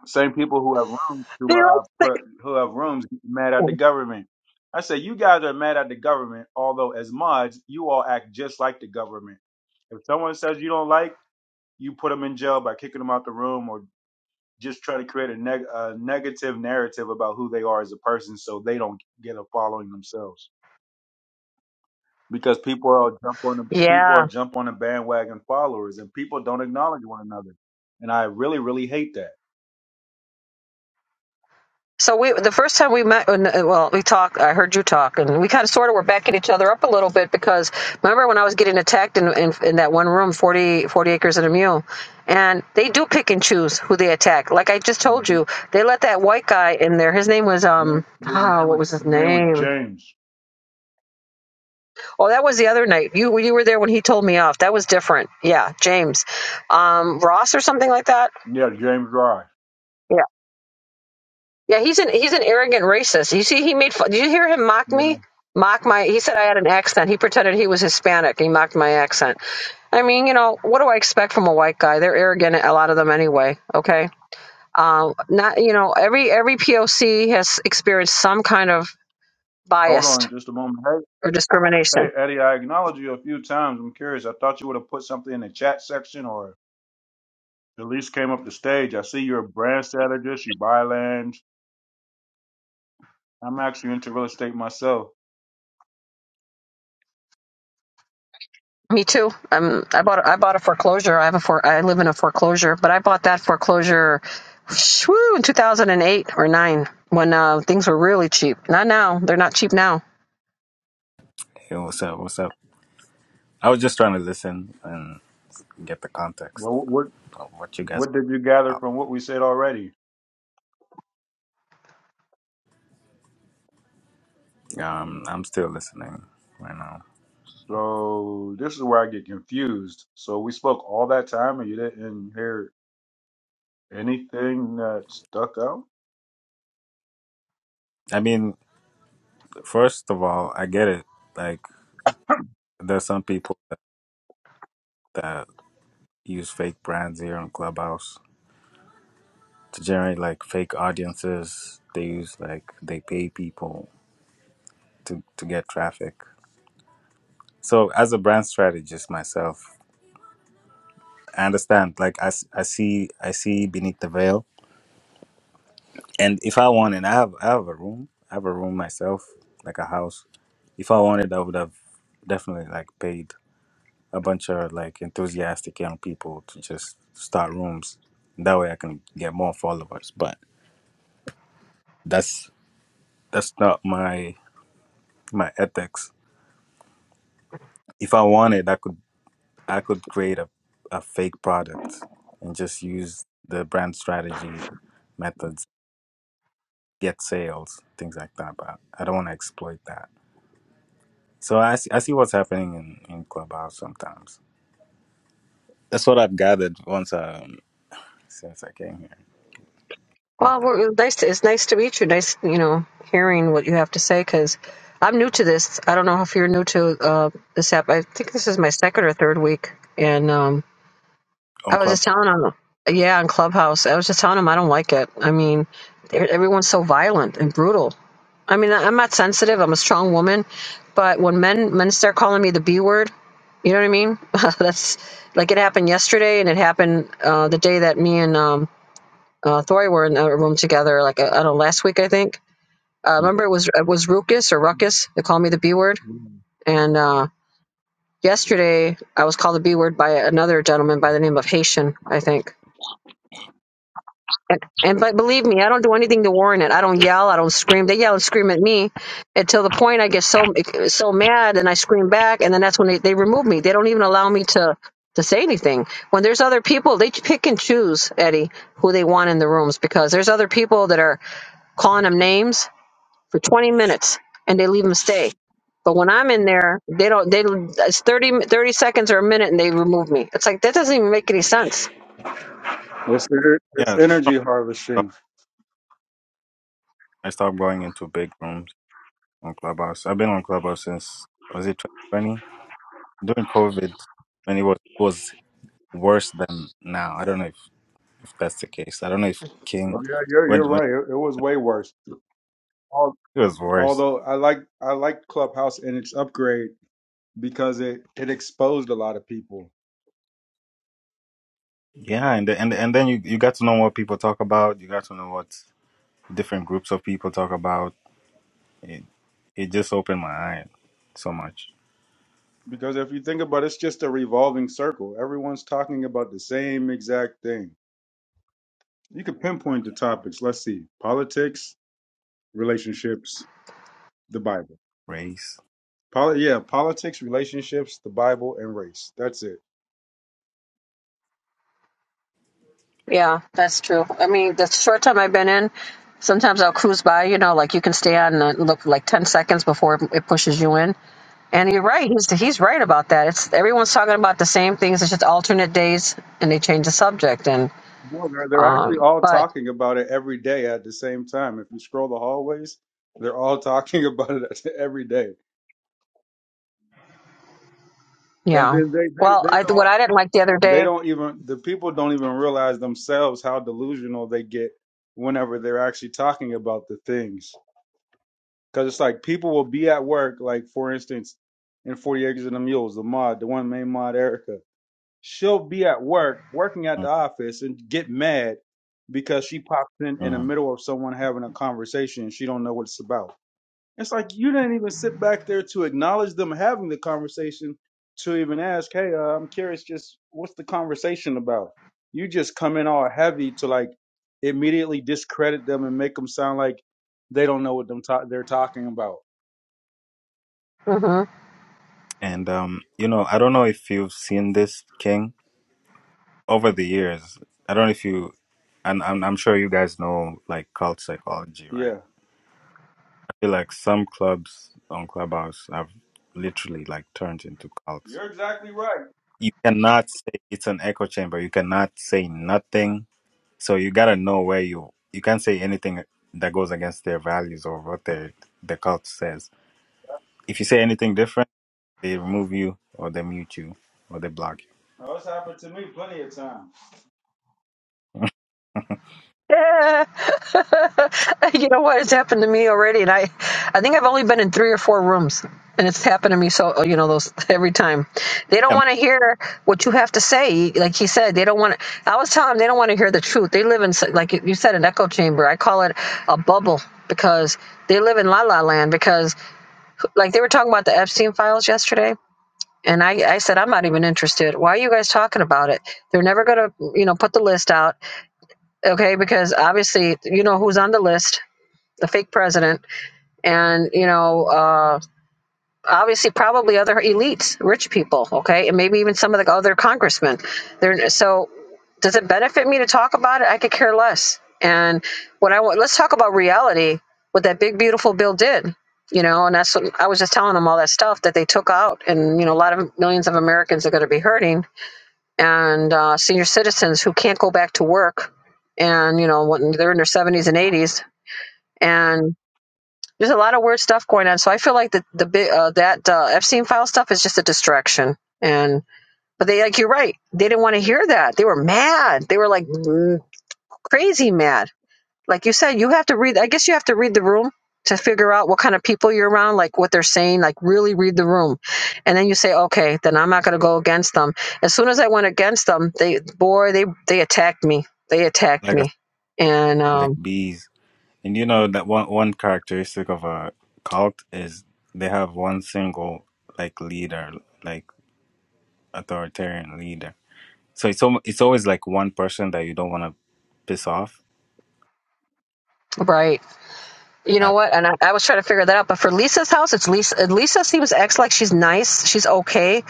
S1: same people who have rooms to
S4: they
S1: uh,
S4: like.
S1: pre- who have rooms mad at the government. I say, you guys are mad at the government, although as mods, you all act just like the government. If someone says you don't like, you put them in jail by kicking them out the room or just try to create a, neg- a negative narrative about who they are as a person so they don't get a following themselves because people are jump on the people
S4: Yeah,
S1: are jump on the bandwagon followers and people don't acknowledge one another and i really really hate that
S4: So we the first time we met, uh, well, we talked. I heard you talk, and we kind of sort of were backing each other up a little bit because remember when I was getting attacked in, in, in that one room, 40 40 acres and a mule, and they do pick and choose who they attack. Like I just told
S1: Mm-hmm.
S4: you, they let that white guy in there. His name was
S1: Yeah,
S4: um,
S1: no, His
S4: oh,
S1: name
S4: what
S1: was
S4: was his
S1: his name was
S4: name?
S1: James.
S4: Oh, that was the other night. You you were there when he told me off. That was different. Yeah, James, um, Ross or something like that.
S1: Yeah, James Rice.
S4: Yeah. Yeah, he's an he's an arrogant racist. You see, he made fun. Did you hear him mock
S1: Yeah.
S4: me? Mock my. He said I had an accent. He pretended he was Hispanic. He mocked my accent. I mean, you know, what do I expect from a white guy? They're arrogant, a lot of them anyway. Okay, um, not you know, every every POC has experienced some kind of
S1: Hold
S4: biased
S1: on just a moment. Hey,
S4: or discrimination.
S1: hey, Eddie, I acknowledged you a few times. I'm curious. I thought you would have put something in the chat section or at least came up the stage. I see you're a brand strategist. You buy land. I'm actually into real estate myself.
S4: Me too. Um, I bought I bought a foreclosure. I have a for I live in a foreclosure, but I bought that foreclosure, shoo, in 2008 or nine when uh, things were really cheap. Not now. They're not cheap now.
S6: Hey, what's up? What's up? I was just trying to listen and get the context
S1: Well, what
S6: of what you guys
S1: what did you gather
S6: are
S1: from what we said already?
S6: about. Um, I'm still listening right now.
S1: So this is where I get confused. So we spoke all that time and you didn't hear anything that stuck out.
S6: I mean, first of all, I get it. Like, there's some people that, that use fake brands here on Clubhouse to generate like fake audiences. They use like they pay people to to get traffic. So, as a brand strategist myself, I understand. Like, I, s- I see I see beneath the veil And if I wanted, I have I have a room. I have a room myself, like a house. If I wanted, I would have definitely like paid a bunch of like enthusiastic young people to just start rooms. That way, I can get more followers. But that's that's not my my ethics. If I wanted, I could I could create a a fake product and just use the brand strategy methods, get sales, things like that. But I don't want to exploit that. So I see, I see what's happening in, in Clubhouse sometimes. That's what I've gathered once um, since I came here. Yeah,
S4: Well, we're, nice. To, it's nice to meet you. Nice, you know, hearing what you have to say because I'm new to this. I don't know if you're new to uh, this app. I think this is my second or third week, and um,
S6: on
S4: I was
S6: Club.
S4: just telling him, yeah, on Clubhouse. I was just telling him I don't like it. I mean, e- everyone's so violent and brutal. I mean, I- I'm not sensitive. I'm a strong woman, but when men men start calling me the B word, you know what I mean? That's like it happened yesterday, and it happened uh, the day that me and um, uh, Thori were in a room together. Like uh, I don't know, last week I think. Uh,
S6: Hmm.
S4: remember, it was it was Ruckus or Ruckus. They called me the B word, and uh, yesterday I was called the B word by another gentleman by the name of Haitian, I think And, and but believe me, I don't do anything to warrant it. I don't yell. I don't scream. They yell and scream at me until the point I get so so mad and I scream back, and then that's when they, they remove me. They don't even allow me to to say anything. When there's other people, they pick and choose Eddie who they want in the rooms because there's other people that are calling them names for 20 minutes and they leave them stay. But when I'm in there, they don't. They it's 30 30 seconds or a minute and they remove me. It's like that doesn't even make any sense
S1: It's, ener- it's
S6: Yeah,
S1: energy harvesting.
S6: I stopped going into big rooms on Clubhouse. I've been on Clubhouse since was it 2020 during COVID when it was was worse than now. I don't know if, if that's the case. I don't know if King
S1: Oh, yeah, you're
S6: when
S1: you're
S6: when
S1: right. It, it was way worse. Al-
S6: it was worse.
S1: Although I like I like Clubhouse and its upgrade because it it exposed a lot of people.
S6: Yeah, and the- and and then you you got to know what people talk about. You got to know what different groups of people talk about It it just opened my eye so much.
S1: Because if you think about it, it's just a revolving circle. Everyone's talking about the same exact thing. You could pinpoint the topics. Let's see: politics, relationships, the Bible.
S6: Race.
S1: Poli- yeah, politics, relationships, the Bible, and race. That's it.
S4: Yeah, that's true. I mean, the short time I've been in, sometimes I'll cruise by, you know, like you can stay on and look like 10 seconds before it it pushes you in. And you're right. He's, he's right about that. It's everyone's talking about the same things. It's just alternate days and they change the subject. And,
S1: No, they're they're actually
S4: um,
S1: all
S4: but
S1: talking about it every day at the same time. If you scroll the hallways, they're all talking about it every day. And
S4: yeah.
S1: then they, they,
S4: Well,
S1: they
S4: I,
S1: don't
S4: what I didn't like the other
S1: they
S4: day,
S1: don't even the people don't even realize themselves how delusional they get whenever they're actually talking about the things. Because it's like people will be at work, like for instance, in Forty Acres and the Mules, the mod, the one main mod Erica. she'll be at work, working at the office, and get mad because she pops in in the
S6: Mhm.
S1: middle of someone having a conversation and she don't know what it's about. It's like you didn't even sit back there to acknowledge them having the conversation, to even ask, "Hey, uh, I'm curious, just what's the conversation about?" You just come in all heavy to like immediately discredit them and make them sound like they don't know what them ta- they're talking about.
S4: mhm.
S6: And um, you know, I don't know if you've seen this King over the years. I don't know if you and I'm I'm sure you guys know like cult psychology, right?
S1: Yeah,
S6: I feel like some clubs on Clubhouse have literally like turned into cults.
S1: you're exactly right.
S6: You cannot say it's an echo chamber. You cannot say nothing. So you gotta know where you you can't say anything that goes against their values or what their the cult says. If you say anything different They remove you or they mute you or they block you.
S1: No, it's happened to me plenty of times.
S4: Yeah. you know what? It's happened to me already, and I, I think I've only been in three or four rooms, and it's happened to me. So you know, those every time they don't
S6: Yeah,
S4: want to hear what you have to say. Like he said, they don't want. I was telling them they don't want to hear the truth. They live in like you said, an echo chamber. I call it a bubble because they live in la la land. Because like they were talking about the Epstein files yesterday. And I, I said, I'm not even interested. Why are you guys talking about it? They're never going to, you know, put the list out okay because obviously you know who's on the list the fake president and you know uh, obviously probably other elites rich people okay and maybe even some of the other congressmen They're, so does it benefit me to talk about it i could care less and what i want let's talk about reality what that big beautiful bill did you know and that's what i was just telling them all that stuff that they took out and you know a lot of millions of americans are going to be hurting and uh, senior citizens who can't go back to work and you know when they're in their 70s and 80s and there's a lot of weird stuff going on so i feel like the, the uh, that uh, epstein file stuff is just a distraction and but they like you're right they didn't want to hear that they were mad they were like mm, crazy mad like you said, you have to read. I guess you have to read the room to figure out what kind of people you're around, like what they're saying. Like really read the room, and then you say, okay, then I'm not going to go against them. As soon as I went against them, they boy, they they attacked me. They attacked
S6: like a,
S4: me, and
S6: like
S4: um,
S6: bees. And you know that one one characteristic of a cult is they have one single like leader, like authoritarian leader. So it's almo- it's always like one person that you don't want to piss off.
S4: right. You know
S6: Uh,
S4: what? And I, I was trying to figure that out. But for Lisa's house, it's Lisa. Lisa seems acts like she's nice. She's okay.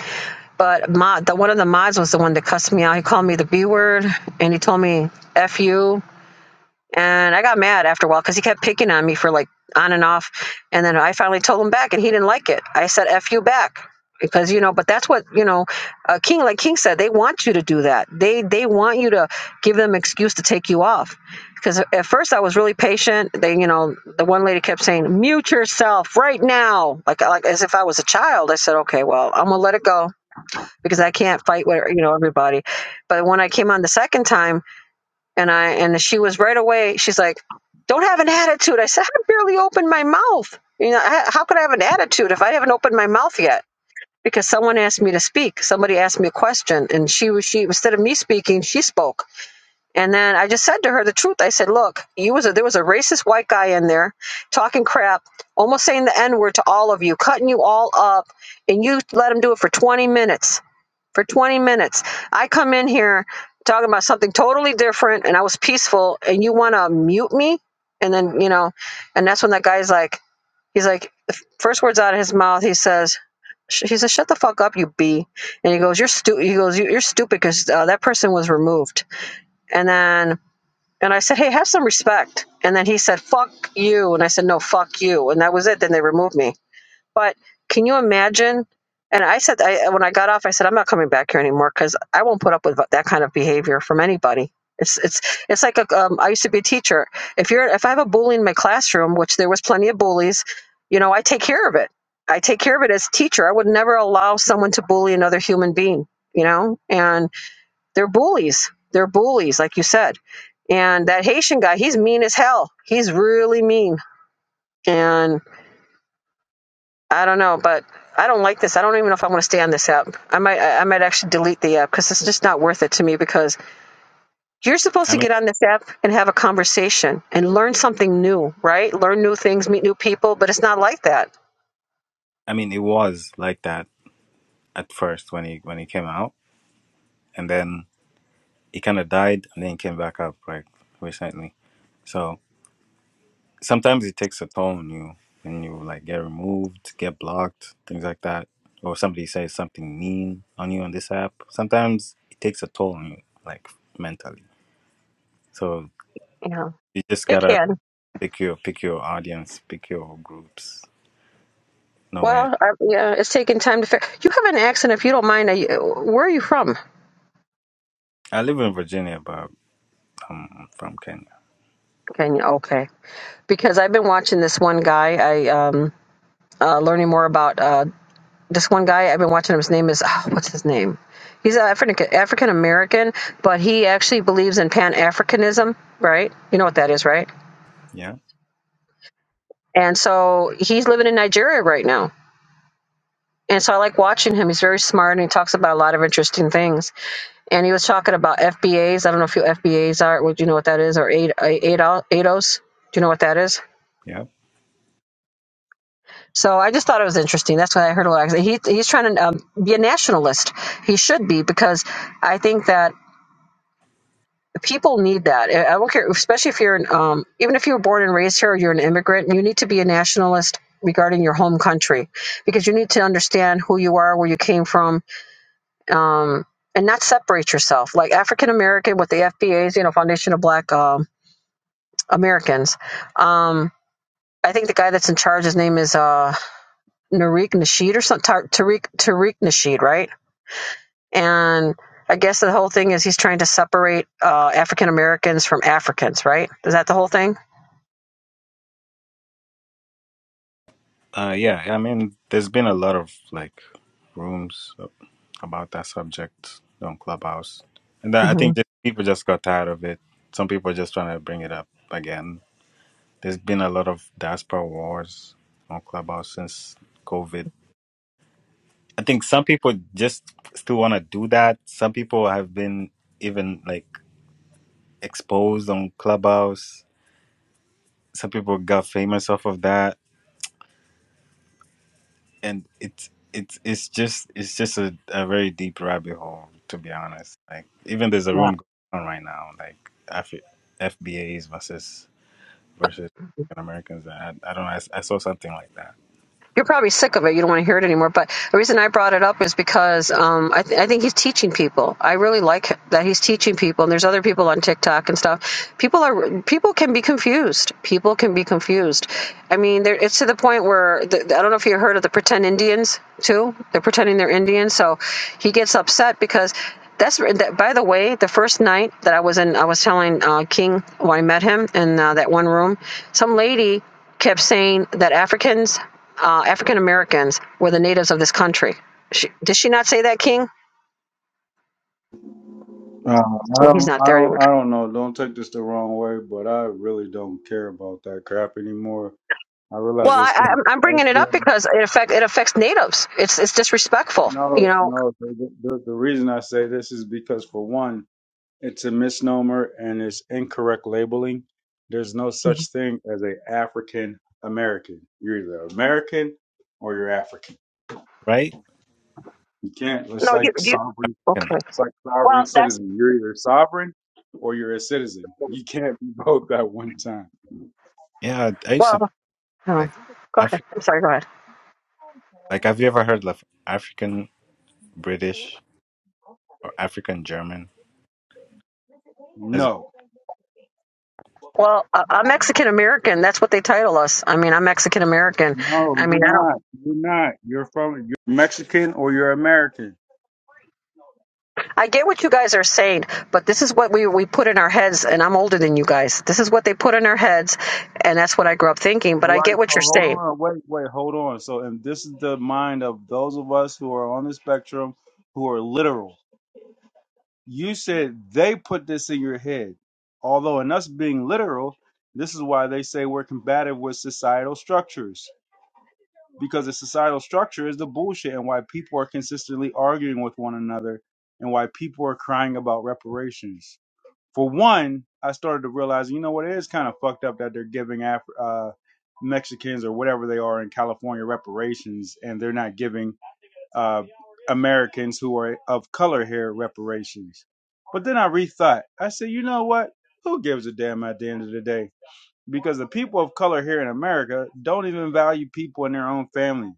S4: But mod, the one of the mods was the one that cussed me out. He called me the B word, and he told me "f you," And I got mad after a while because he kept picking on me for like on and off. And then I finally told him back, and he didn't like it. I said, F you back. Because you know, but that's what you know. Uh, King, like King said, they want you to do that. They they want you to give them excuse to take you off. Because at first I was really patient. They, you know, the one lady kept saying, "Mute yourself right now," like like as if I was a child. I said, "Okay, well, I'm gonna let it go because I can't fight with you know everybody." But when I came on the second time, and I and she was right away. She's like, "Don't have an attitude." I said, "I barely opened my mouth. You know, I, how could I have an attitude if I haven't opened my mouth yet?" Because someone asked me to speak. Somebody asked me a question, and she was she instead of me speaking, she spoke. And then I just said to her the truth. I said, "Look, you was a, there was a racist white guy in there talking crap, almost saying the n word to all of you, cutting you all up, and you let him do it for 20 minutes." for 20 minutes. I come in here talking about something totally different and I was peaceful and you want to mute me? And then, you know, and that's when that guy's like, he's like, the f- first words out of his mouth, he says, sh- he says, shut the fuck up, you B. And he goes, you're stupid. He goes, "You- you're stupid because uh, that person was removed. And then, and I said, hey, have some respect. And then he said, fuck you. And I said, no, fuck you. And that was it. Then they removed me. But can you imagine? And I said, I, when I got off, I said, I'm not coming back here anymore because I won't put up with that kind of behavior from anybody. It's it's it's like a, um, I used to be a teacher. If you're if I have a bully in my classroom, which there was plenty of bullies, you know, I take care of it. I take care of it as a teacher. I would never allow someone to bully another human being. You know, and they're bullies. They're bullies, like you said. And that Haitian guy, he's mean as hell. He's really mean. And I don't know, but I don't like this. I don't even know if I want to stay on this app. I might, I might actually delete the app because it's just not worth it to me. Because you're supposed
S6: I
S4: to
S6: mean,
S4: get on this app and have a conversation and learn something new, right? Learn new things, meet new people, but it's not like that.
S6: I mean, it was like that at first when he when he came out, and then he kind of died, and then came back up like recently. So sometimes it takes a toll on you and you like get removed get blocked things like that or somebody says something mean on you on this app sometimes it takes a toll on you like mentally so
S4: You know,
S6: you just
S4: it
S6: gotta
S4: can.
S6: pick your pick your audience pick your groups know where
S4: Well, I, yeah, it's taking time to. Fi- you have an accent, if you don't mind. Are you, where are you from?
S6: i live in virginia but i'm from kenya
S4: Kenya. Okay, because I've been watching this one guy. I um, uh, learning more about. uh. this one guy I've been watching. him, His name is oh, what's his name? He's African African American, but he actually believes in Pan Africanism, right? You know what that is, right?
S6: yeah
S4: And so he's living in Nigeria right now. And so I like watching him. He's very smart and he talks about a lot of interesting things. And he was talking about FBAs. I don't know if you FBAs are. Would you know what that is? Or ADOS? Do you know what that is?
S6: yeah
S4: So I just thought it was interesting. That's why I heard a lot. He, he's trying to um, be a nationalist. He should be because I think that people need that. I I don't care, especially if you're an, um, even if you were born and raised here or you're an immigrant, you need to be a nationalist regarding your home country because you need to understand who you are, where you came from, um, and not separate yourself. Like African American with the FBA's, you know, Foundation of Black um, Americans. Um, I think the guy that's in charge, his name is uh, Tariq Nasheed or something. Tar- Tariq Tariq Nasheed, right? And I guess the whole thing is he's trying to separate uh, African Americans from Africans, right? Is that the whole thing?
S6: Uh, yeah, I mean, there's been a lot of like rooms ab- about that subject on Clubhouse, and that, I
S4: hmm
S6: think just people just got tired of it. Some people are just trying to bring it up again. There's been a lot of diaspora wars on Clubhouse since COVID. I think some people just still want to do that. Some people have been even like exposed on Clubhouse. Some people got famous off of that and it's it's it's just it's just a, a very deep rabbit hole to be honest like even there's a
S4: Yeah.
S6: room going on right now like Af- fbas versus versus African americans I, I don't know I, s- I saw something like that
S4: You're probably sick of it. You don't want to hear it anymore. But the reason I brought it up is because um, I, th- I think he's teaching people. I really like that he's teaching people. And there's other people on TikTok and stuff. People are people can be confused. People can be confused. I mean, there, it's to the point where the, I don't know if you heard of the pretend Indians too. They're pretending they're Indian. So he gets upset because that's that, by the way the first night that i was in i was telling uh, king when i met him in uh, that one room some lady kept saying that Africans, uh, African Americans, were the natives of this country. She, did she not say that, King?
S1: Uh, I
S4: Well, he's
S1: don't,
S4: not
S1: I
S4: there
S1: don't,
S4: anymore.
S1: I don't know. Don't take this the wrong way, but I really don't care about that crap anymore. I
S4: Well,
S1: realize it's
S4: I,
S1: been,
S4: I'm I'm
S1: it's
S4: bringing it up
S1: been
S4: because it affect it affects natives. It's it's disrespectful, you
S1: no,
S4: know.
S1: no. The, the, the reason I say this is because, for one. It's a misnomer and it's incorrect labeling. There's no such thing as a African American. You're either American or you're African.
S6: right
S1: You can't. It's
S4: No, you
S1: like
S4: you.
S1: sovereign.
S6: and
S4: Okay.
S1: It's like sovereign
S4: Well, that's
S1: citizen. You're either sovereign or you're a citizen. You can't be both at one time.
S6: yeah i used to think
S4: well. huh.
S6: like
S4: Go ahead.
S6: Afri.
S4: I'm sorry. Go ahead.
S6: like have you ever heard of african british or african german There's a-
S1: No,
S4: Well, I- I'm Mexican American. That's what they title us. I mean, I'm Mexican American.
S1: no,
S4: I
S1: you're
S4: mean, I don't.
S1: not. You're not. You're from. You're Mexican or you're American.
S4: I get what you guys are saying, but this is what we, we put in our heads, and I'm older than you guys. This is what they put in our heads, and that's what I grew up thinking, but
S1: All
S4: I
S1: right,
S4: get what
S1: so
S4: you're
S1: hold
S4: saying.
S1: on, wait, wait, hold on. So, and this is the mind of those of us who are on the spectrum who are literal. you said they put this in your head. Although, in us being literal, this is why they say we're combative with societal structures because the societal structure is the bullshit and why people are consistently arguing with one another and why people are crying about reparations. For one, I started to realize, you know what, it is kind of fucked up that they're giving Af- uh, Mexicans or whatever they are in California reparations and they're not giving uh, Americans who are of color here reparations. But then I rethought. I said, you know what? Who gives a damn at the end of the day? Because the people of color here in America don't even value people in their own family.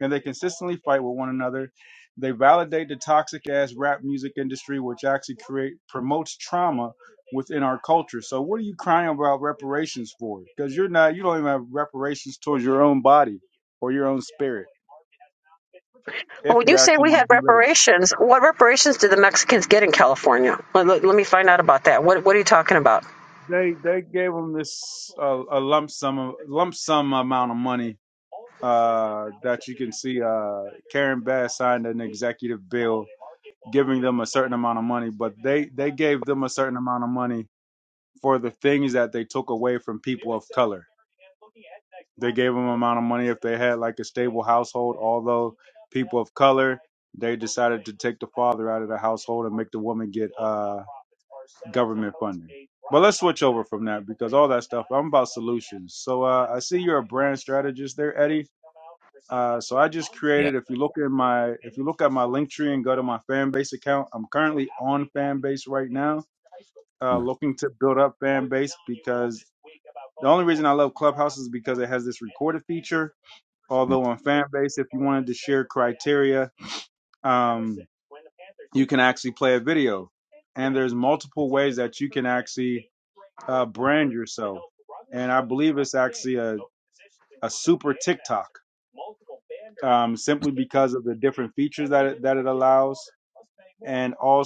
S1: And they consistently fight with one another. They validate the toxic ass rap music industry, which actually create promotes trauma within our culture. So what are you crying about reparations for? Because you're not you don't even have reparations towards your own body or your own spirit,
S4: But
S1: if
S4: when
S1: you
S4: you say
S1: actually
S4: we
S1: want
S4: had
S1: to be literal.
S4: reparations, what reparations did the Mexicans get in California? Let, let, let me find out about that. What, what are you talking about?
S1: They they gave him this uh, a lump sum of- lump sum amount of money uh, that you can see. Uh, Karen Bass signed an executive bill giving them a certain amount of money, but they they gave them a certain amount of money for the things that they took away from people of color. They gave them amount of money if they had like a stable household. Although people of color, they decided to take the father out of the household and make the woman get. Uh, let's switch over from that because solutions. So uh, I see you're a brand strategist there, Eddie Uh, so I just
S6: Yeah.
S1: click in my, link tree and go to my fan base account. I'm currently on fan base right now, uh,
S6: Mhm.
S1: looking to build up fan base. The reason love Clubhouse is because it has this, although on fan base, if you want to a um, can actually play a video. And multiple to, uh, brand yourself um, simply because of the different features. Also,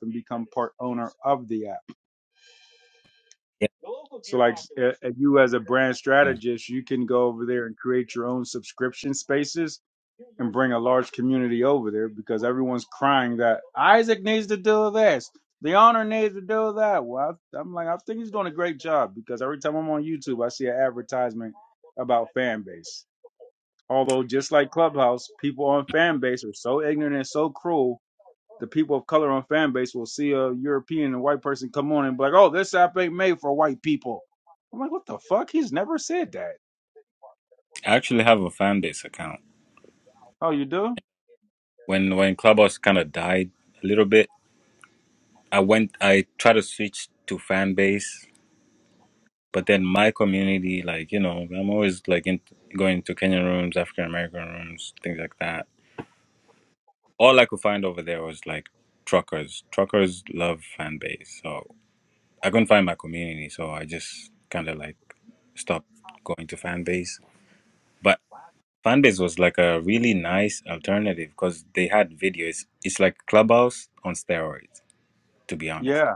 S1: and be owner of the app.
S6: Yeah.
S1: Uh, You, as a brand
S6: Mhm.
S1: strategist, you can go over there and create your own subscription spaces and bring a large community over there because everyone's crying that Isaac needs to do this. The honor needs to do that. Well, I, I'm like, I think he's doing a great job because every time I'm on YouTube, I see an advertisement about fan base. Although, just like Clubhouse, people on fan base are so ignorant and so cruel. The people of color on fan base will see a European and white person come on and be like, oh, this app ain't made for white people. I'm like, what the fuck? He's never said that.
S6: I actually have a fan base account.
S1: Oh, you do?
S6: When when Clubhouse kind of died a little bit, I went, I tried to switch to fan base, but then my community, like, you know, I'm always like in, going to Kenyan rooms, African American rooms, things like that. All I could find over there was like truckers. Truckers love fan base. So I couldn't find my community. So I just kind of like stopped going to fan base. But fan base was like a really nice alternative because they had videos. It's like Clubhouse on steroids, to be
S1: Yeah.
S6: honest.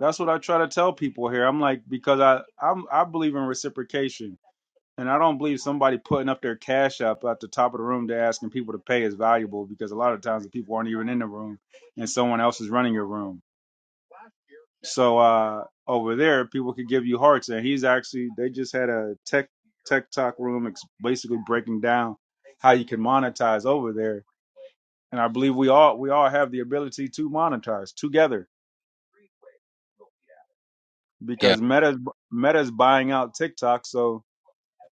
S1: That's what I try to tell people here. I'm like because I I'm, I believe in reciprocation, and I don't believe somebody putting up their cash app at the top of the room to asking people to pay is valuable because a lot of times the people aren't even in the room, and someone else is running your room. So uh, over there, people could give you hearts, and he's actually they just had a tech tech talk room, ex- basically breaking down how you can monetize over there. And I believe we all we all have the ability to monetize together
S6: Yeah.
S1: because Meta's Meta's buying out TikTok, so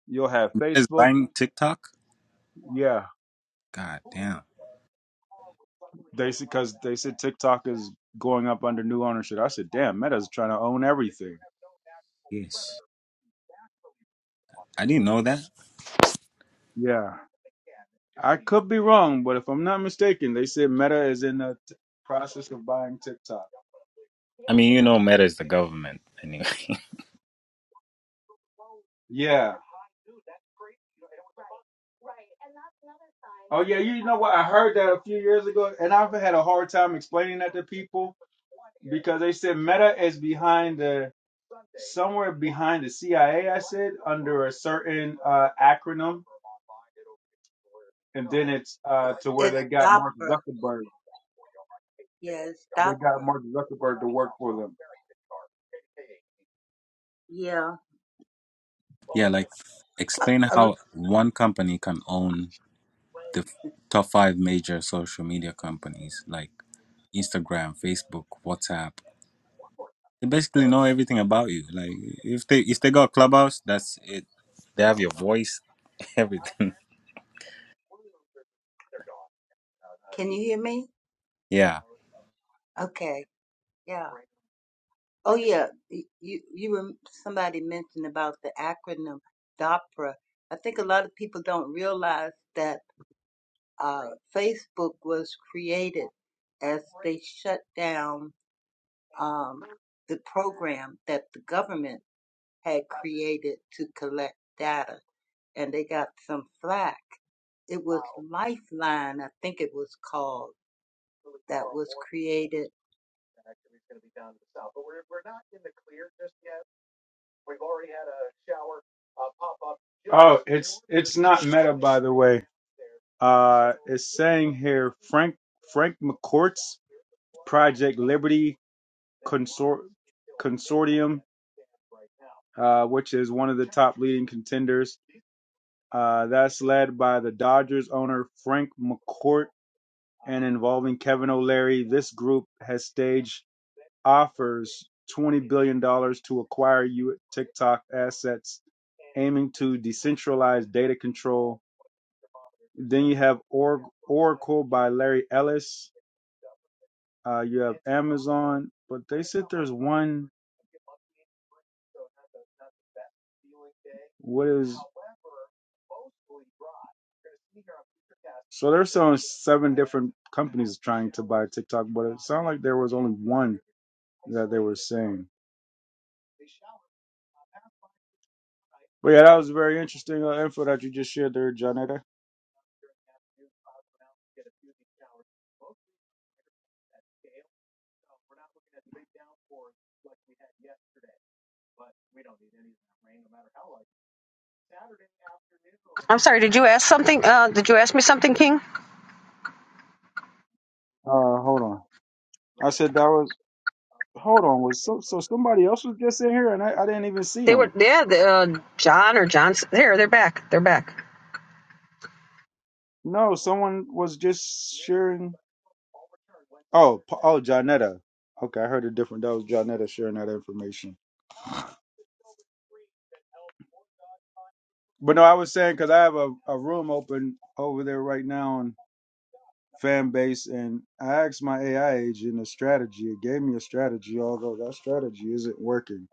S1: You'll have
S6: Is
S1: Facebook.
S6: buying TikTok?
S1: Yeah,
S6: God damn.
S1: they said because they said TikTok is going up under new ownership. I said, damn, Meta's trying to own everything.
S6: Yes. I didn't know that.
S1: Yeah, I could be wrong, but if I'm not mistaken, they said Meta is in the t- process of buying TikTok.
S6: I mean, you know, Meta is the government anyway.
S1: Yeah. Oh yeah, you know what? I heard that a few years ago, and I've had a hard time explaining that to people because they said Meta is behind the somewhere behind the CIA, I A, I said, under a certain uh, acronym, and then it's uh, to where
S2: It's
S1: they got Mark
S2: Dopper.
S1: Zuckerberg.
S2: Yeah, it's
S1: They got
S2: Dopper.
S1: Mark Zuckerberg.
S2: Yeah.
S6: Yeah, like
S2: Uh,
S6: explain
S2: uh,
S6: how one company can own the f- top five major social media companies like Instagram, Facebook, WhatsApp. They basically know everything about you. Like if they if they got Clubhouse, that's it. They have your voice, everything.
S2: can you hear me?
S6: Yeah.
S2: Okay. Yeah. Oh yeah, y- you you were somebody mentioned about the acronym DOPRA. I think a lot of people don't realize that uh, Facebook was created as they shut down um, the program that the government had created to collect data, and they got some flack. It was Lifeline, I think it was called, that was created
S1: Uh, here, Frank Frank McCourt's Project Liberty, uh, which is one of the top leading contenders. Uh, that's led by the Dodgers owner Frank McCourt and involving Kevin O'Leary. This group has staged offers $20 billion dollars to acquire you TikTok assets, aiming to decentralize data control. Then you have or- Oracle by Larry Ellis. Uh, you have Amazon, but they said there's one. What is so there's a company? But yeah, that you just shared there, Janetta.
S4: I'm sorry, did you ask something? Uh, did you ask me something, King?
S1: Uh, hold on. I said that was. Hold on. Was so so somebody else was just in here and I, I didn't even see
S4: They
S1: him.
S4: were, yeah, the, uh, John or John's. There, they're back. They're back.
S1: No, someone was just sharing. Oh, Pa- oh, Johnetta. Okay, I heard a different. That was Johnetta sharing that information. But no, I was saying because I have a, a room open over there right now on fan base, and I asked my AI agent a strategy. It gave me a strategy, although that strategy isn't working.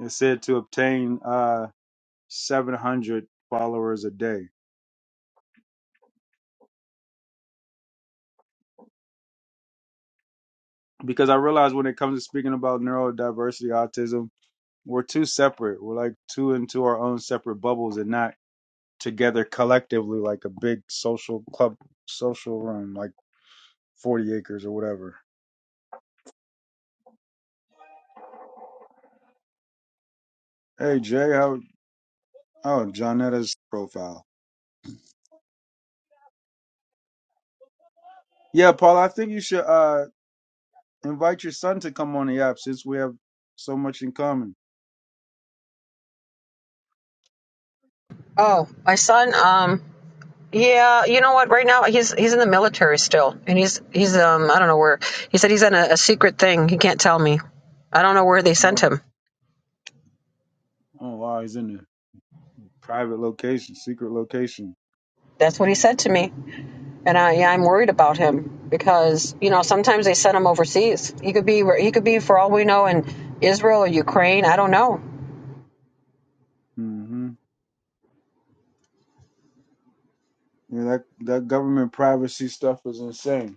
S1: It said to obtain uh 700 followers a day because I realized when it comes to speaking about neurodiversity, autism, we're too separate. We're like two into our own separate bubbles and not together collectively like a big social club social room like 40 acres or whatever hey jay how oh jonetta's profile yeah paul i think you should uh invite your son to come on the app since we have so much in common
S4: Oh, my son, um, Yeah, you know what? Right now he's he's in the military still, and he's he's um I don't know where. He said he's in a, a secret thing. He can't tell me. I don't know where they sent
S1: Mom.
S4: him.
S1: oh wow he's in a private location secret location
S4: That's what he said to me, and I yeah, I'm worried about him because you know sometimes they send him overseas. He could be where he could be for all we know in Israel or Ukraine. I don't know.
S1: mm-hmm yeah that that government privacy stuff is insane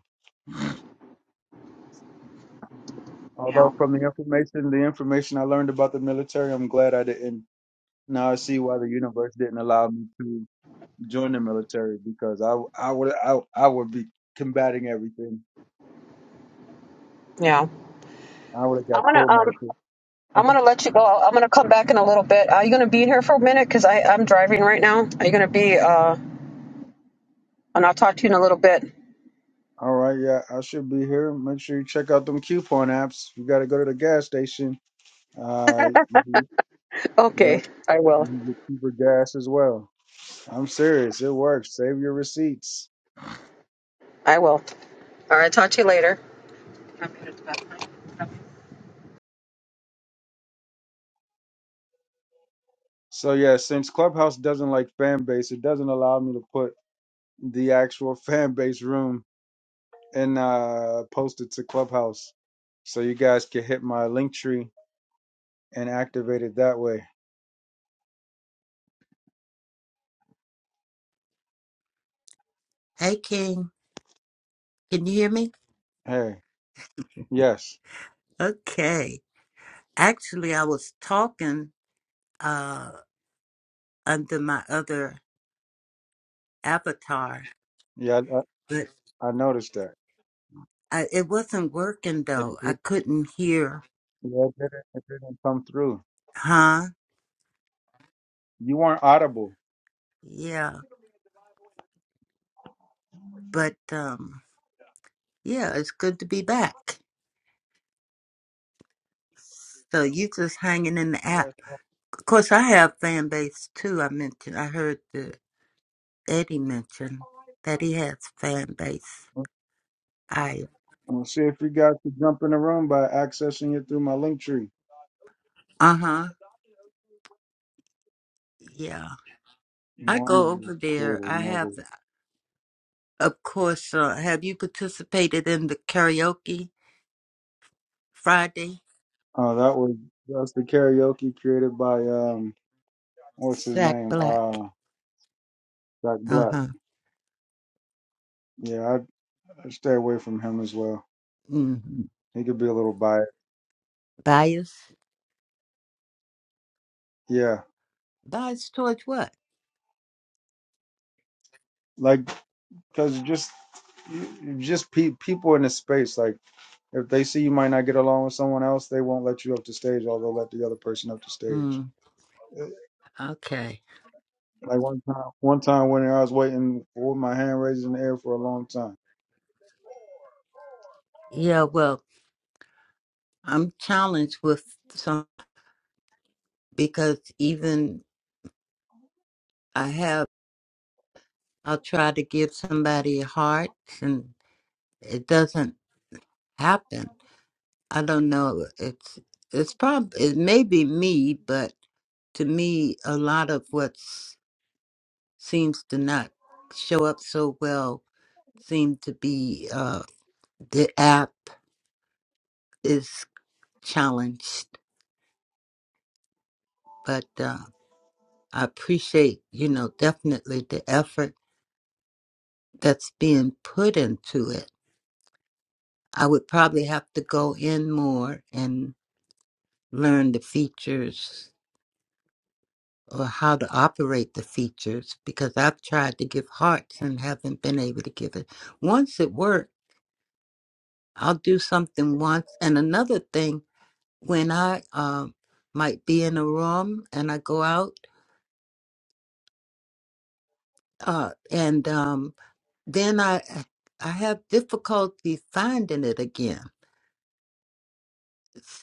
S1: although
S4: Yeah,
S1: from the information the information i learned about the military i'm glad i didn't now i see why the universe didn't allow me to join the military because I I would I, I would be combating everything.
S4: yeah.
S1: I would have
S4: I'm
S1: got
S4: gonna
S1: court
S4: um
S1: martial.
S4: I'm gonna let you go. I'm gonna come back in a little bit. Are you gonna be in here for a minute? Cause I I'm driving right now. Are you gonna be uh? And I'll talk to you in a little bit.
S1: All right, yeah, I should be here. Make sure you check out them coupon apps. You got to go to the gas station. Uh, you can, that-
S4: Okay, I
S1: you
S4: will.
S1: can get cheaper gas as well. I'm serious, it works. Save your receipts.
S4: I will. All right. Talk to you later.
S1: So yeah, since Clubhouse doesn't like fan base, it doesn't allow me to put the actual fan base room and uh, post it to Clubhouse. So you guys can hit my Linktree and activate it that way.
S7: Hey, King. Can you hear me?
S1: Hey, yes,
S7: Okay. Actually, I was talking uh, under my other avatar,
S1: yeah,
S7: but
S1: I, I noticed that.
S7: I, it wasn't working
S1: It,
S7: though. I
S1: it,
S7: couldn't hear.
S1: yeah, it, didn't, it didn't come through.
S7: Huh?
S1: You weren't audible.
S7: Yeah. But um, yeah, it's good to be back. So you just hanging in the app.
S1: Yes.
S7: Of course, I have fan base too. I mentioned. I heard that Eddie mention that he has fan base. I.
S1: We'll see if you guys can jump in the room by accessing it through my link tree.
S7: Uh huh. Yeah. I
S1: No, I'm
S7: go over
S1: gonna create
S7: there. I
S1: another.
S7: have. Of course, Sean. Have you participated in the karaoke Friday?
S1: Oh, that was that's the karaoke created by um, what's his
S7: Sack
S1: name?
S7: Black.
S1: Uh, Jack
S7: Uh
S1: Black.
S7: huh.
S1: Yeah, I, I stay away from him as well.
S7: hmm
S1: He could be a little biased.
S7: Bias?
S1: Yeah,
S7: Bias towards what?
S1: like because just you- you just pe- people in the space like. If they see you might not get along with someone else, they won't let you up to stage, or they'll let the other person up to stage.
S7: Mm,
S1: Uh,
S7: okay.
S1: Like one time, one time when I was waiting with my hand raised in the air for a long time.
S7: Yeah, well, I'm challenged with some because even I have, I'll try to give somebody hearts and it doesn't happen. I don't know. It's, it's probably, it may be me, but to me, a lot of what's seems to not show up so well seem to be uh the app is challenged but uh i appreciate you know definitely the effort that's being put into it i would probably have to go in more and learn the features or how to operate the features because i've tried to give hearts and haven't been able to give it once it worked i'll do something once and another thing when I um might be in a room and I go out uh and um then I I have difficulty finding it again.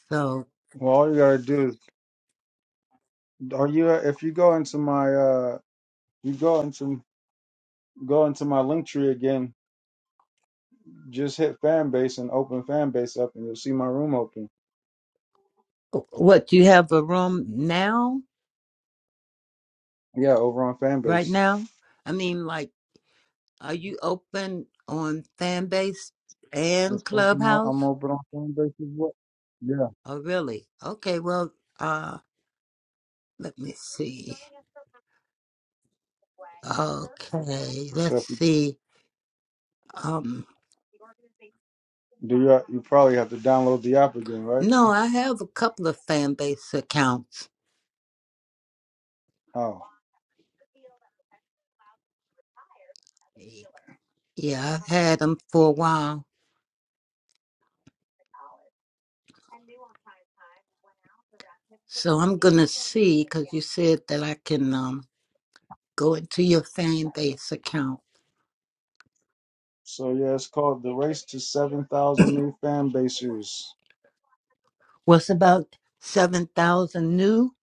S7: So
S1: Well, all you gotta do is, are you if you go into my uh, you go into go into my link tree again, just hit fan base and open fan base up, and you'll see my room open.
S7: what you have a room now
S1: Yeah, over on fan
S7: right
S1: base.
S7: now? I mean like are you open on fan base
S1: It's
S7: and
S1: open on, I'm
S7: clubhouse?
S1: open on fan base as well. Yeah,
S7: Oh really? Okay, well uh let me see. Okay, let's
S1: have to
S7: see. Um
S1: download the app again, right?
S7: no, I have a couple of fan base accounts
S1: Oh,
S7: Yeah, I've had them for a while. So I'm going to see because you said that I can um, go into your fan base account.
S1: so yeah, it's called the.
S7: What's about 7,000 new?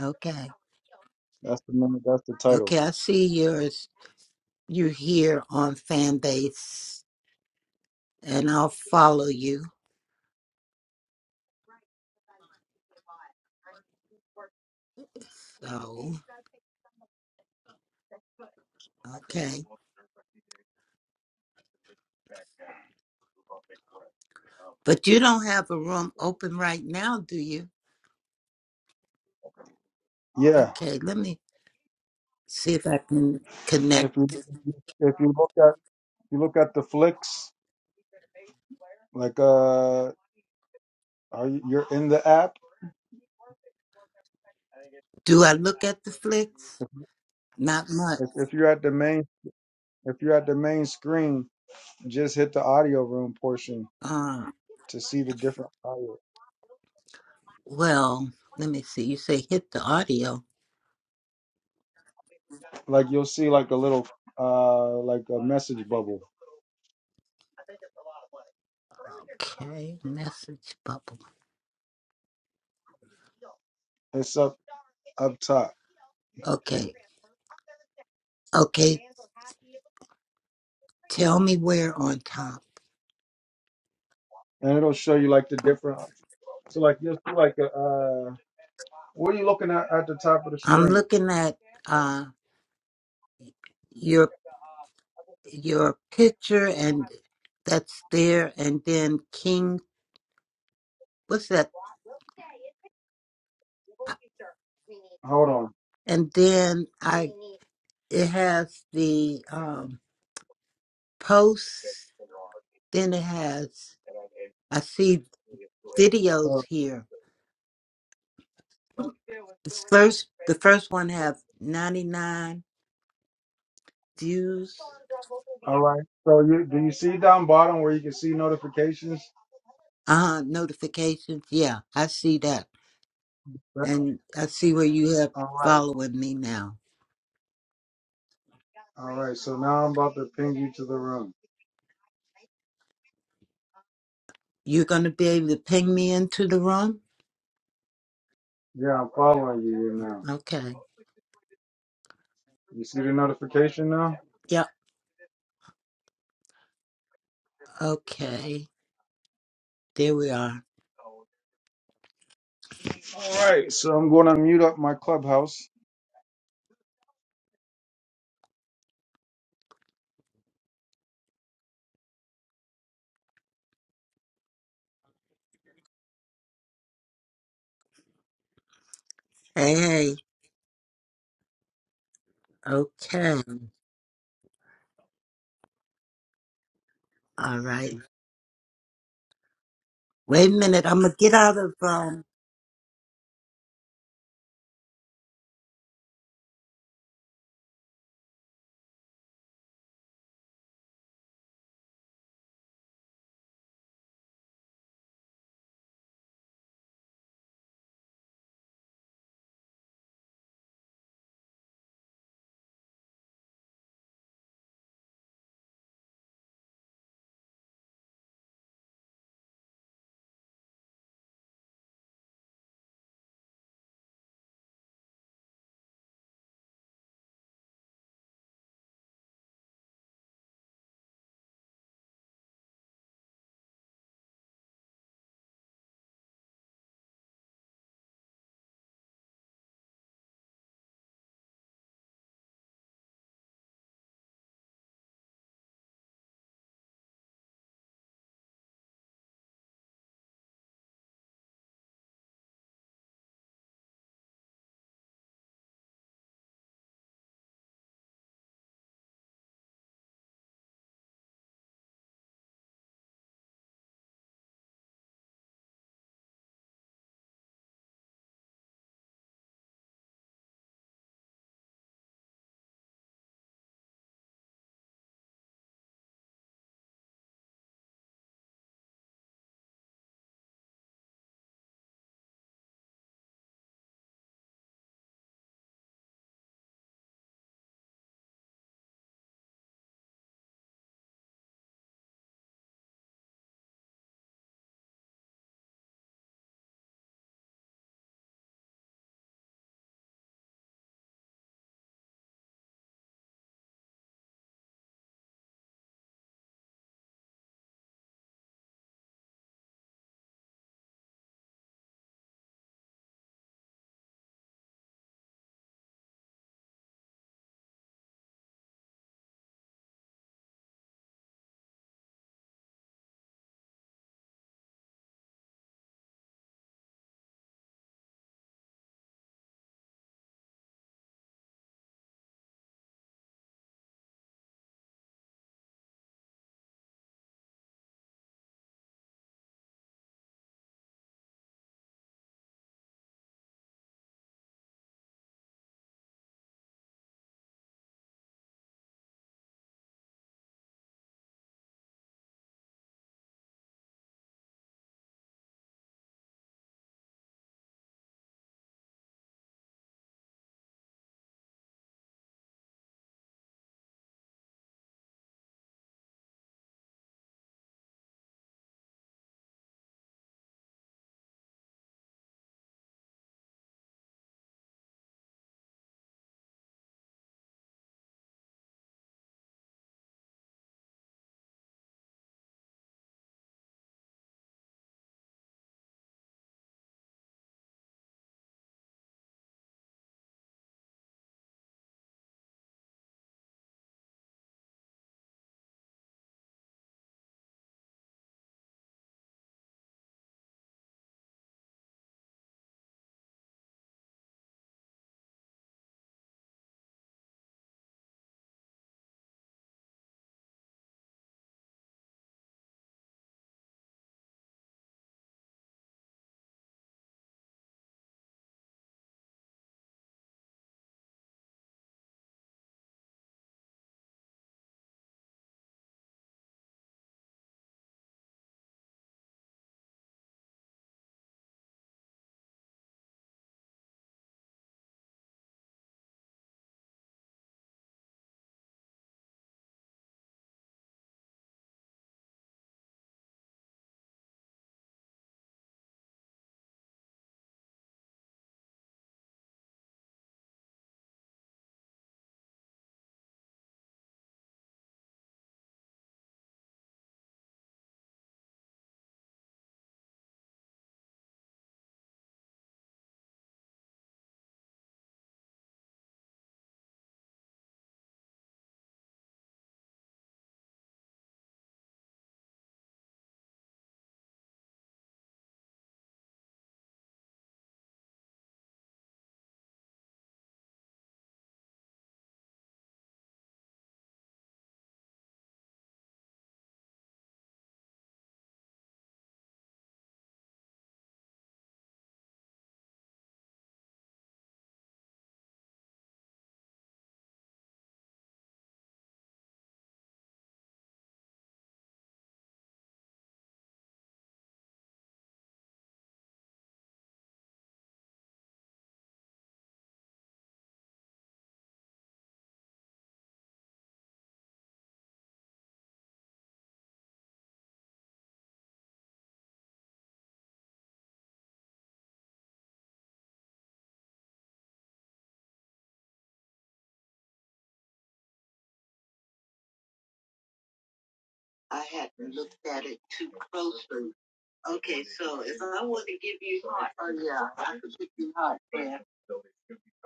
S7: Okay.
S1: That's the name. That's
S7: Okay, I see yours. You're here on fan base and I'll follow you. So, okay. But you don't have a room open right now, do you?
S1: yeah.
S7: Okay, let me see if I can connect.
S1: If you if you look at you look at the flicks, like uh, are you, you're in the app.
S7: Do I look at the flicks?
S1: If,
S7: Not much.
S1: if if you're at the main if you're at the main screen, just hit the audio room portion
S7: uh,
S1: to see the different audio.
S7: Well, let me see. You say hit the audio.
S1: Like you'll see like a little uh like a message bubble.
S7: Okay, message bubble.
S1: It's
S7: Okay, okay. Tell me where on top.
S1: and it'll show you like the different. So like you'll see like a, uh, what are you looking at at the top of the
S7: I'm looking at uh your your picture and that's there, and then King. What's that? Uh,
S1: Hold on.
S7: And then I it has the um posts. Then it has I see
S1: Uh,
S7: videos here. This first the first one have 99 views
S1: All right. So you do you see down bottom where you can see notifications?
S7: Uh-huh, notifications. Yeah, I see that.
S1: That-
S7: And I see where you have
S1: All right.
S7: following me now.
S1: All right. So now I'm about to ping you to the room.
S7: You're going to be able to ping me into the room?
S1: Yeah, I'm following you here now.
S7: Okay. Yeah, okay. There we are.
S1: All right. So I'm going to mute up my clubhouse.
S7: Hey, hey, okay. All right. Wait a minute. I'm going to get out of, um,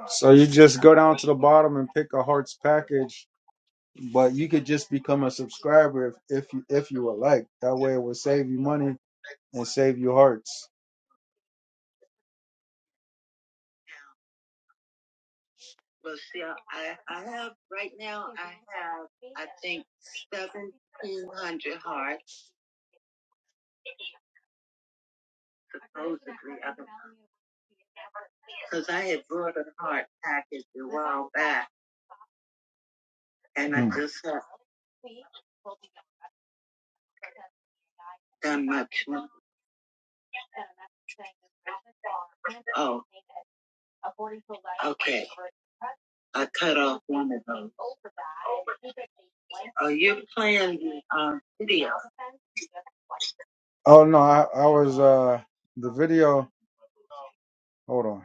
S1: So you just go down to the bottom and pick a hearts package, but you could just become a subscriber if, if you if you would like. That way it will save you money and save you hearts. Oh no, I, I was uh the video. Hold on.